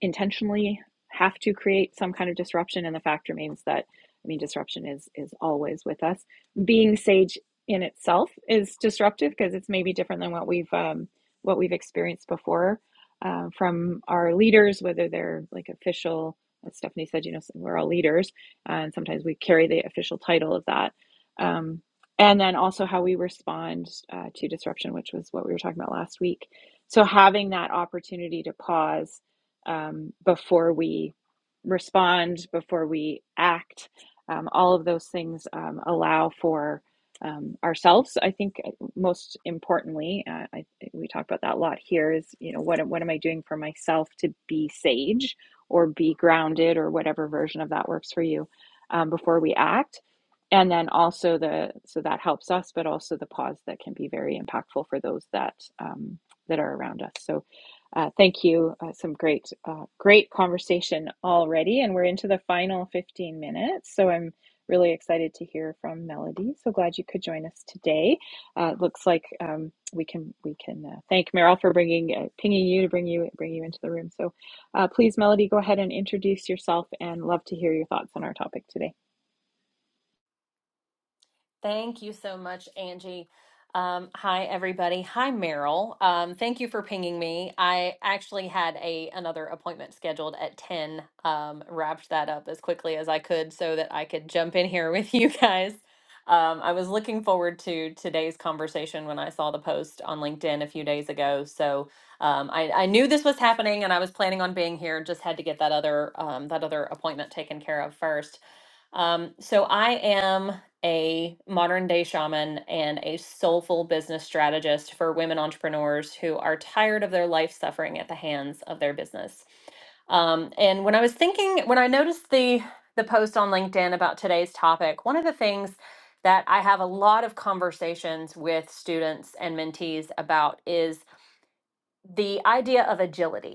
intentionally have to create some kind of disruption and the fact remains that i mean disruption is is always with us being sage in itself is disruptive because it's maybe different than what we've um, what we've experienced before uh, from our leaders whether they're like official as stephanie said you know so we're all leaders uh, and sometimes we carry the official title of that um, and then also how we respond uh, to disruption which was what we were talking about last week so having that opportunity to pause um, before we respond, before we act. Um, all of those things um, allow for um, ourselves. I think uh, most importantly, uh, I, we talk about that a lot here. Is you know what what am I doing for myself to be sage or be grounded or whatever version of that works for you um, before we act, and then also the so that helps us, but also the pause that can be very impactful for those that um, that are around us. So uh, thank you. Uh, some great, uh, great conversation already, and we're into the final 15 minutes. So I'm really excited to hear from Melody. So glad you could join us today. Uh, looks like um, we can we can uh, thank Meryl for bringing uh, pinging you to bring you bring you into the room. So uh, please, Melody, go ahead and introduce yourself, and love to hear your thoughts on our topic today.
Thank you so much, Angie. Um, hi, everybody. Hi, Meryl. Um, thank you for pinging me. I actually had a another appointment scheduled at 10. Um, wrapped that up as quickly as I could so that I could jump in here <laughs> with you guys. Um, I was looking forward to today's conversation when I saw the post on LinkedIn a few days ago. So um, I, I knew this was happening, and I was planning on being here. Just had to get that other um, that other appointment taken care of first. Um, so I am a modern day shaman and a soulful business strategist for women entrepreneurs who are tired of their life suffering at the hands of their business. Um, and when I was thinking, when I noticed the the post on LinkedIn about today's topic, one of the things that I have a lot of conversations with students and mentees about is the idea of agility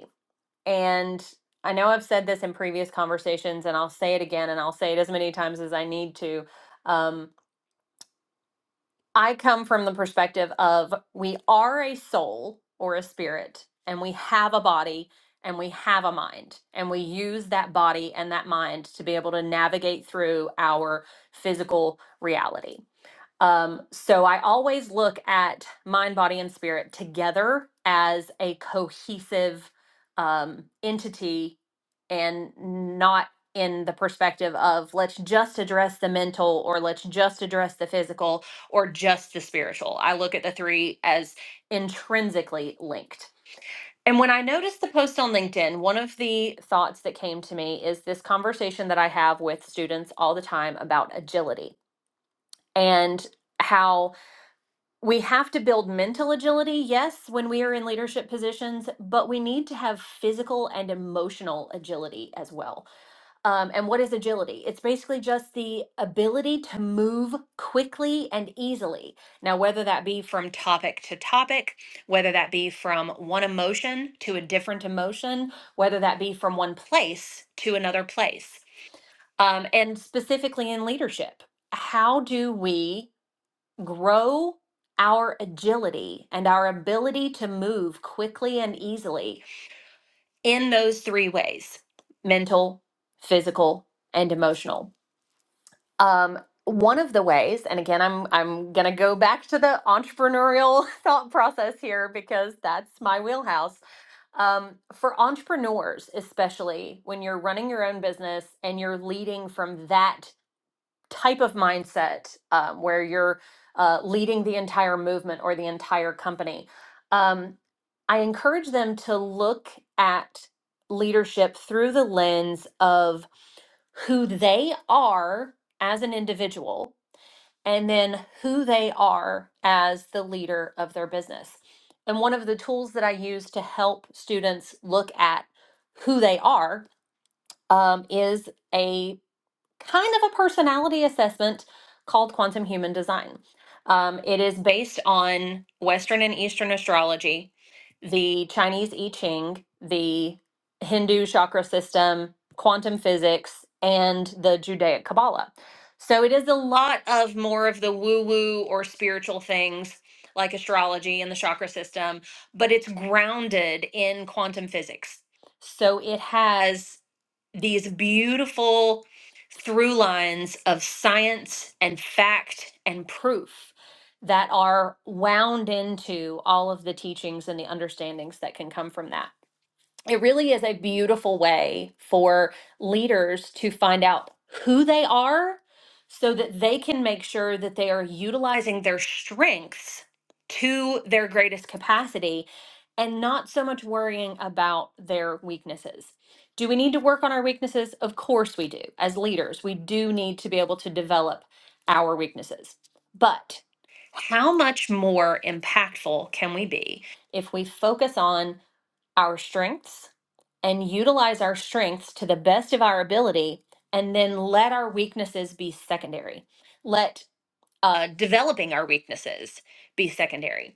and I know I've said this in previous conversations, and I'll say it again, and I'll say it as many times as I need to. Um, I come from the perspective of we are a soul or a spirit, and we have a body and we have a mind, and we use that body and that mind to be able to navigate through our physical reality. Um, so I always look at mind, body, and spirit together as a cohesive um, entity and not in the perspective of let's just address the mental or let's just address the physical or just the spiritual. I look at the three as intrinsically linked. And when I noticed the post on LinkedIn, one of the thoughts that came to me is this conversation that I have with students all the time about agility and how we have to build mental agility, yes, when we are in leadership positions, but we need to have physical and emotional agility as well. Um, and what is agility? It's basically just the ability to move quickly and easily. Now, whether that be from topic to topic, whether that be from one emotion to a different emotion, whether that be from one place to another place, um, and specifically in leadership, how do we? grow our agility and our ability to move quickly and easily in those three ways mental, physical, and emotional. Um, one of the ways, and again, I'm I'm gonna go back to the entrepreneurial <laughs> thought process here because that's my wheelhouse. Um, for entrepreneurs, especially when you're running your own business and you're leading from that type of mindset um, where you're uh, leading the entire movement or the entire company, um, I encourage them to look at leadership through the lens of who they are as an individual and then who they are as the leader of their business. And one of the tools that I use to help students look at who they are um, is a kind of a personality assessment called quantum human design. Um, it is based on Western and Eastern astrology, the Chinese I Ching, the Hindu chakra system, quantum physics, and the Judaic Kabbalah. So it is a lot of more of the woo woo or spiritual things like astrology and the chakra system, but it's grounded in quantum physics. So it has these beautiful through lines of science and fact and proof that are wound into all of the teachings and the understandings that can come from that it really is a beautiful way for leaders to find out who they are so that they can make sure that they are utilizing their strengths to their greatest capacity and not so much worrying about their weaknesses. Do we need to work on our weaknesses? Of course we do. As leaders, we do need to be able to develop our weaknesses. But how much more impactful can we be if we focus on our strengths and utilize our strengths to the best of our ability and then let our weaknesses be secondary let uh, developing our weaknesses be secondary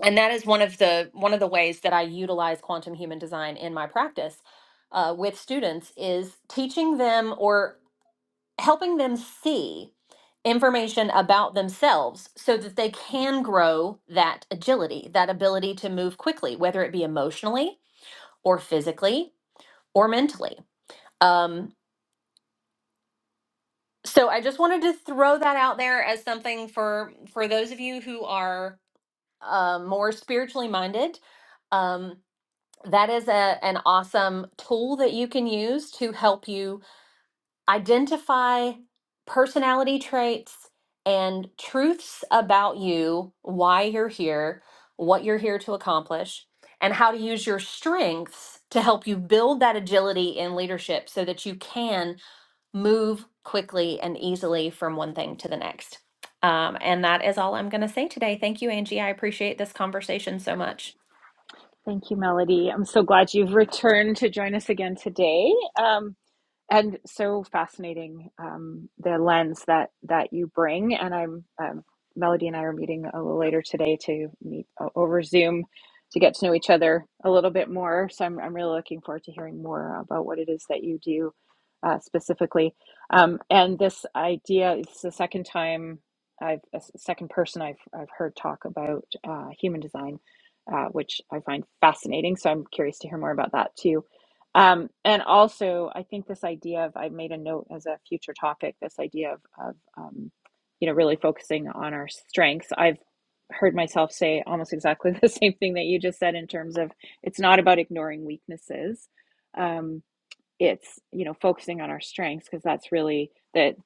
and that is one of the one of the ways that i utilize quantum human design in my practice uh, with students is teaching them or helping them see information about themselves so that they can grow that agility that ability to move quickly whether it be emotionally or physically or mentally um, so I just wanted to throw that out there as something for for those of you who are uh, more spiritually minded. Um, that is a, an awesome tool that you can use to help you identify personality traits and truths about you, why you're here, what you're here to accomplish, and how to use your strengths to help you build that agility in leadership so that you can move quickly and easily from one thing to the next. Um, and that is all I'm going to say today. Thank you, Angie. I appreciate this conversation so much.
Thank you, Melody. I'm so glad you've returned to join us again today. Um, and so fascinating um, the lens that that you bring and i'm um, melody and i are meeting a little later today to meet o- over zoom to get to know each other a little bit more so i'm, I'm really looking forward to hearing more about what it is that you do uh, specifically um, and this idea it's the second time i've a s- second person i've, I've heard talk about uh, human design uh, which i find fascinating so i'm curious to hear more about that too um, and also, I think this idea of I made a note as a future topic. This idea of of um, you know really focusing on our strengths. I've heard myself say almost exactly <laughs> the same thing that you just said in terms of it's not about ignoring weaknesses. Um, it's you know focusing on our strengths because that's really that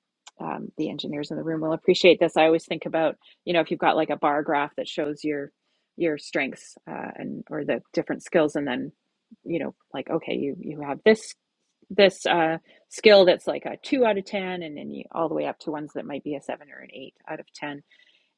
um, the engineers in the room will appreciate this i always think about you know if you've got like a bar graph that shows your your strengths uh, and or the different skills and then you know like okay you you have this this uh, skill that's like a two out of ten and then you all the way up to ones that might be a seven or an eight out of ten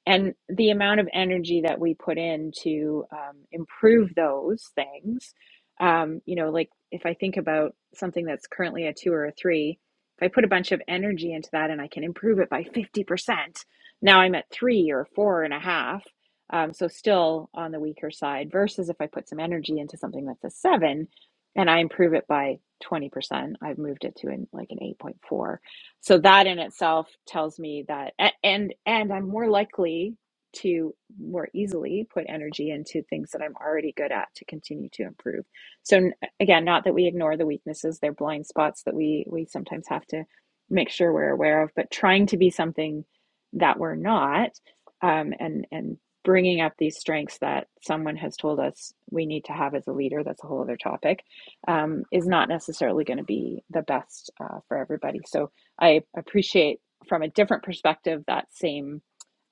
and the amount of energy that we put in to um, improve those things um, you know like if i think about something that's currently a two or a three if i put a bunch of energy into that and i can improve it by 50% now i'm at three or four and a half um, so still on the weaker side versus if i put some energy into something that's a seven and i improve it by 20% i've moved it to an, like an 8.4 so that in itself tells me that and and i'm more likely to more easily put energy into things that i'm already good at to continue to improve so again not that we ignore the weaknesses they're blind spots that we we sometimes have to make sure we're aware of but trying to be something that we're not um, and and bringing up these strengths that someone has told us we need to have as a leader that's a whole other topic um, is not necessarily going to be the best uh, for everybody so I appreciate from a different perspective that same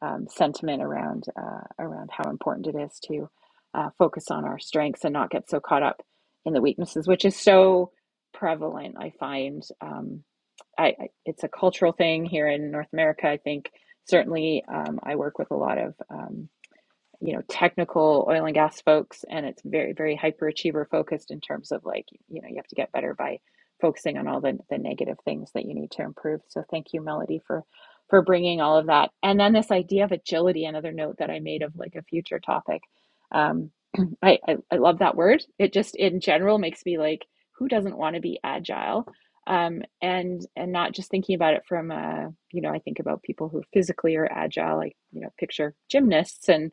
um, sentiment around uh, around how important it is to uh, focus on our strengths and not get so caught up in the weaknesses, which is so prevalent. I find um, I, I it's a cultural thing here in North America. I think certainly um, I work with a lot of um, you know technical oil and gas folks and it's very very hyperachiever focused in terms of like you know you have to get better by focusing on all the, the negative things that you need to improve so thank you melody for for bringing all of that and then this idea of agility another note that i made of like a future topic um, <clears throat> I, I i love that word it just in general makes me like who doesn't want to be agile um, and and not just thinking about it from uh, you know I think about people who physically are agile, like you know picture gymnasts and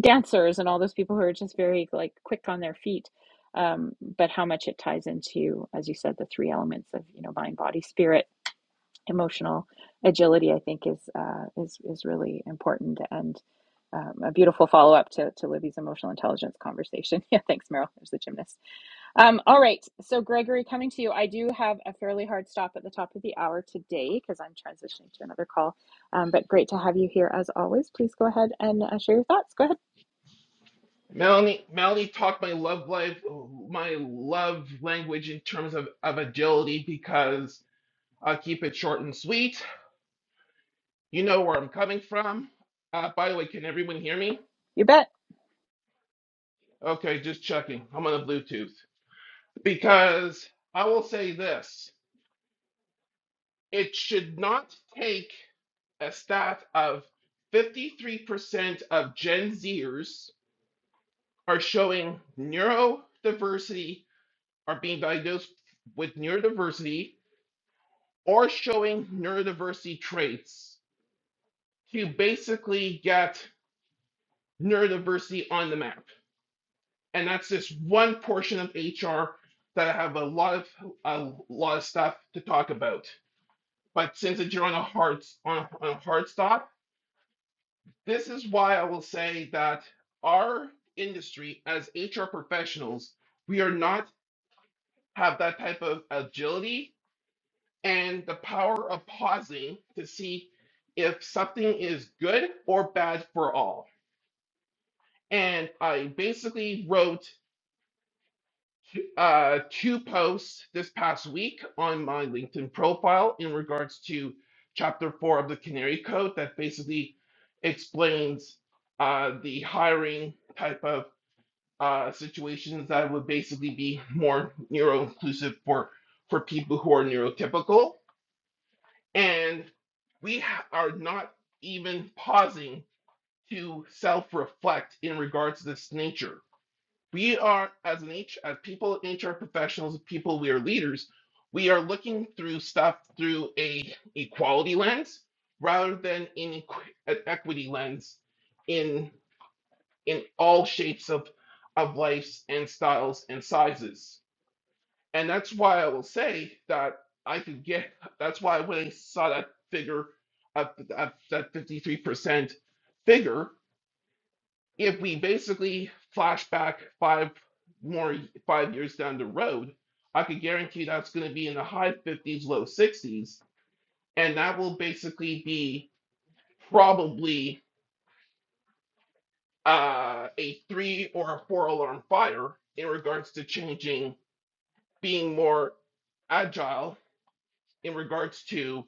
dancers and all those people who are just very like quick on their feet um, but how much it ties into as you said the three elements of you know mind body spirit emotional agility i think is uh, is is really important and um, a beautiful follow-up to, to libby's emotional intelligence conversation <laughs> yeah thanks meryl there's the gymnast um, all right so gregory coming to you i do have a fairly hard stop at the top of the hour today because i'm transitioning to another call um, but great to have you here as always please go ahead and uh, share your thoughts go ahead
Melanie, Melanie talked my love life, my love language in terms of, of agility because I'll keep it short and sweet. You know where I'm coming from. Uh, by the way, can everyone hear me?
you bet.
Okay, just checking. I'm on the Bluetooth. Because I will say this it should not take a stat of 53% of Gen Zers are showing neurodiversity, are being diagnosed with neurodiversity or showing neurodiversity traits to basically get neurodiversity on the map. And that's just one portion of HR that I have a lot of a lot of stuff to talk about. But since you're on a hard on, on a hard stop, this is why I will say that our industry as HR professionals, we are not have that type of agility and the power of pausing to see if something is good or bad for all. And I basically wrote uh, two posts this past week on my LinkedIn profile in regards to chapter four of the Canary Code that basically explains uh, the hiring type of uh, situations that would basically be more neuro inclusive for, for people who are neurotypical And we ha- are not even pausing to self-reflect in regards to this nature. We are, as an H, as people, HR professionals, people, we are leaders. We are looking through stuff through a equality lens rather than in equ- an equity lens in in all shapes of of lives and styles and sizes. And that's why I will say that I could get. That's why when I saw that figure, at, at that 53% figure, if we basically flash back five more five years down the road, I could guarantee that's going to be in the high 50s, low 60s, and that will basically be probably uh, a three or a four alarm fire in regards to changing, being more agile in regards to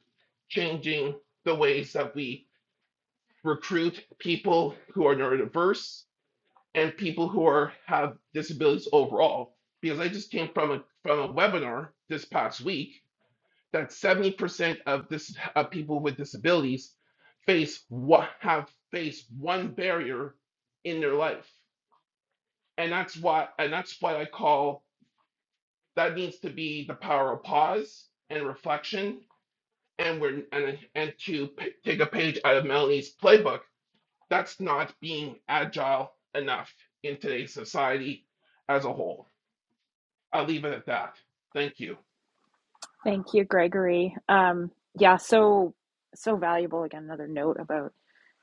changing the ways that we recruit people who are neurodiverse and people who are have disabilities overall. Because I just came from a from a webinar this past week that 70% of this of people with disabilities face what have faced one barrier in their life. And that's why and that's what I call that needs to be the power of pause and reflection and we're and and to p- take a page out of Melanie's playbook, that's not being agile enough in today's society as a whole. I'll leave it at that. Thank you.
Thank you, Gregory. Um, yeah, so so valuable. Again, another note about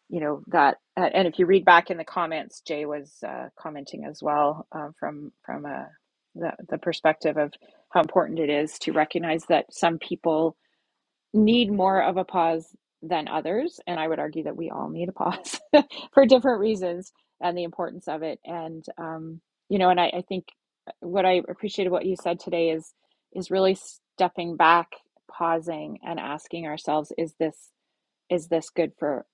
you know that, uh, and if you read back in the comments, Jay was uh, commenting as well um, from from uh, the the perspective of how important it is to recognize that some people need more of a pause than others. And I would argue that we all need a pause <laughs> for different reasons and the importance of it. And, um, you know, and I, I think uh, what I appreciated what you said today is, is really stepping back, pausing and asking ourselves, is this, is this good for,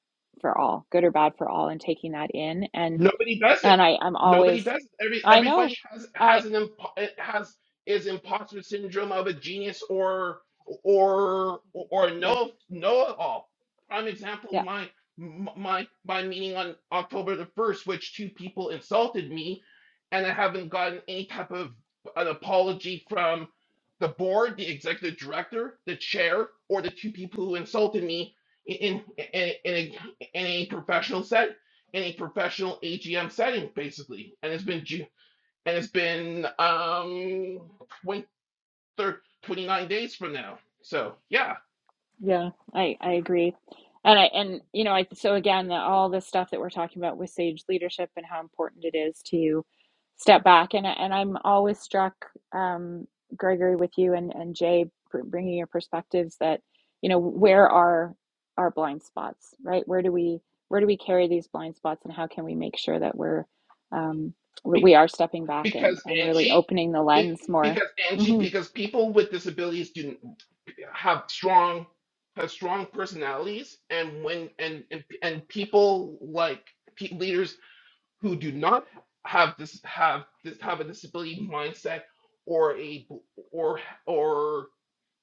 for all good or bad for all and taking that in. And,
Nobody does it.
and I, I'm
Nobody
always,
does it. Every
I know
everybody has
I,
has an impo- has is imposter syndrome of a genius or or or
yeah,
know know it all. Prime example
yeah.
my my my meeting on October the first, which two people insulted me, and I haven't gotten any type of an apology from the board, the executive director, the chair, or the two people who insulted me in in in, in, a, in a professional in a professional AGM setting, basically, and it's been and it's been um 20, 29 days from now. So yeah,
Yeah, I I agree. And I and you know, I so again, the, all the stuff that we're talking about with sage leadership and how important it is to step back and I- and I'm always struck um Gregory with you and and Jay br- bringing your perspectives that you know, where are our blind spots, right? Where do we where do we carry these blind spots and how can we make sure that we're um we we
Be-
are stepping back and
because
and really
Angie,
opening the lens
be-
more.
because Angie,
hmm
because people with disabilities do have strong have strong personalities, and when and and, and people like pe- leaders who do not have this have this have a disability mindset or a or or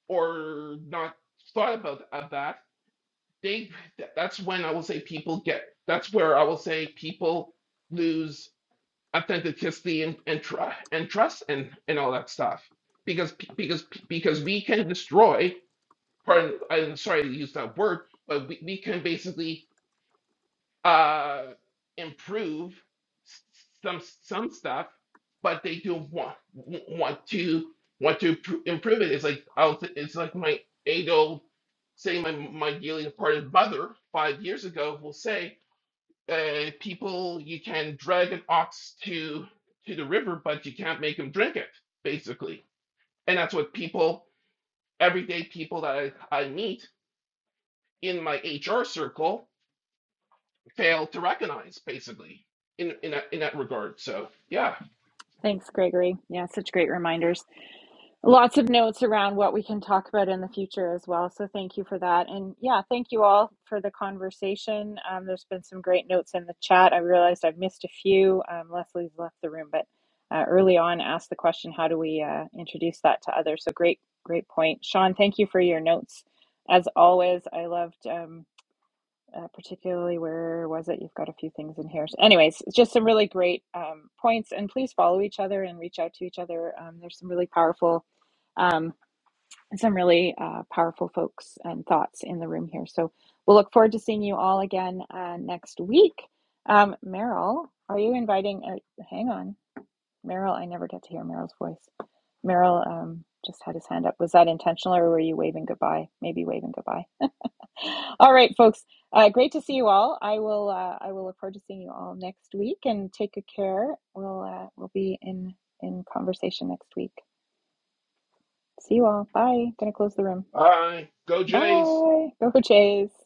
or not thought about of that they that's when i will say people get that's where i will say people lose authenticity and and, tr- and trust and and all that stuff because p- because because we can destroy pardon i'm sorry to use that word but we, we can basically uh, improve s- some some stuff, but they do want want to want to pr- improve it. It's like I'll t- it's like my age old say my my dearly departed mother five years ago will say, uh, people you can drag an ox to to the river, but you can't make him drink it, basically. And that's what people everyday people that I, I meet in my HR circle failed to recognize, basically, in in that in that regard. So yeah,
Thanks, Gregory. Yeah, such great reminders. Lots of notes around what we can talk about in the future as well. So thank you for that. And yeah, thank you all for the conversation. Um, there's been some great notes in the chat. I realized I've missed a few. Um, Leslie's left the room, but uh, early on asked the question, how do we uh, introduce that to others? So great, great point. Sean, thank you for your notes. As always, I loved. Um, uh, particularly where was it? You've got a few things in here. So anyways, just some really great um, points, and please follow each other and reach out to each other. Um, there's some really powerful, um, some really uh, powerful folks and thoughts in the room here. So we'll look forward to seeing you all again uh, next week. Um, Meryl, are you inviting? Uh, hang on, Meryl. I never get to hear Meryl's voice. Meryl um, just had his hand up. Was that intentional, or were you waving goodbye? Maybe waving goodbye. <laughs> All right, folks. Uh, great to see you all. I will. Uh, I will look forward to seeing you all next week. And take good care. We'll. Uh, we'll be in in conversation next week. See you all. Bye. Gonna close the room.
all right, go
Bye.
Jays.
Go Jays.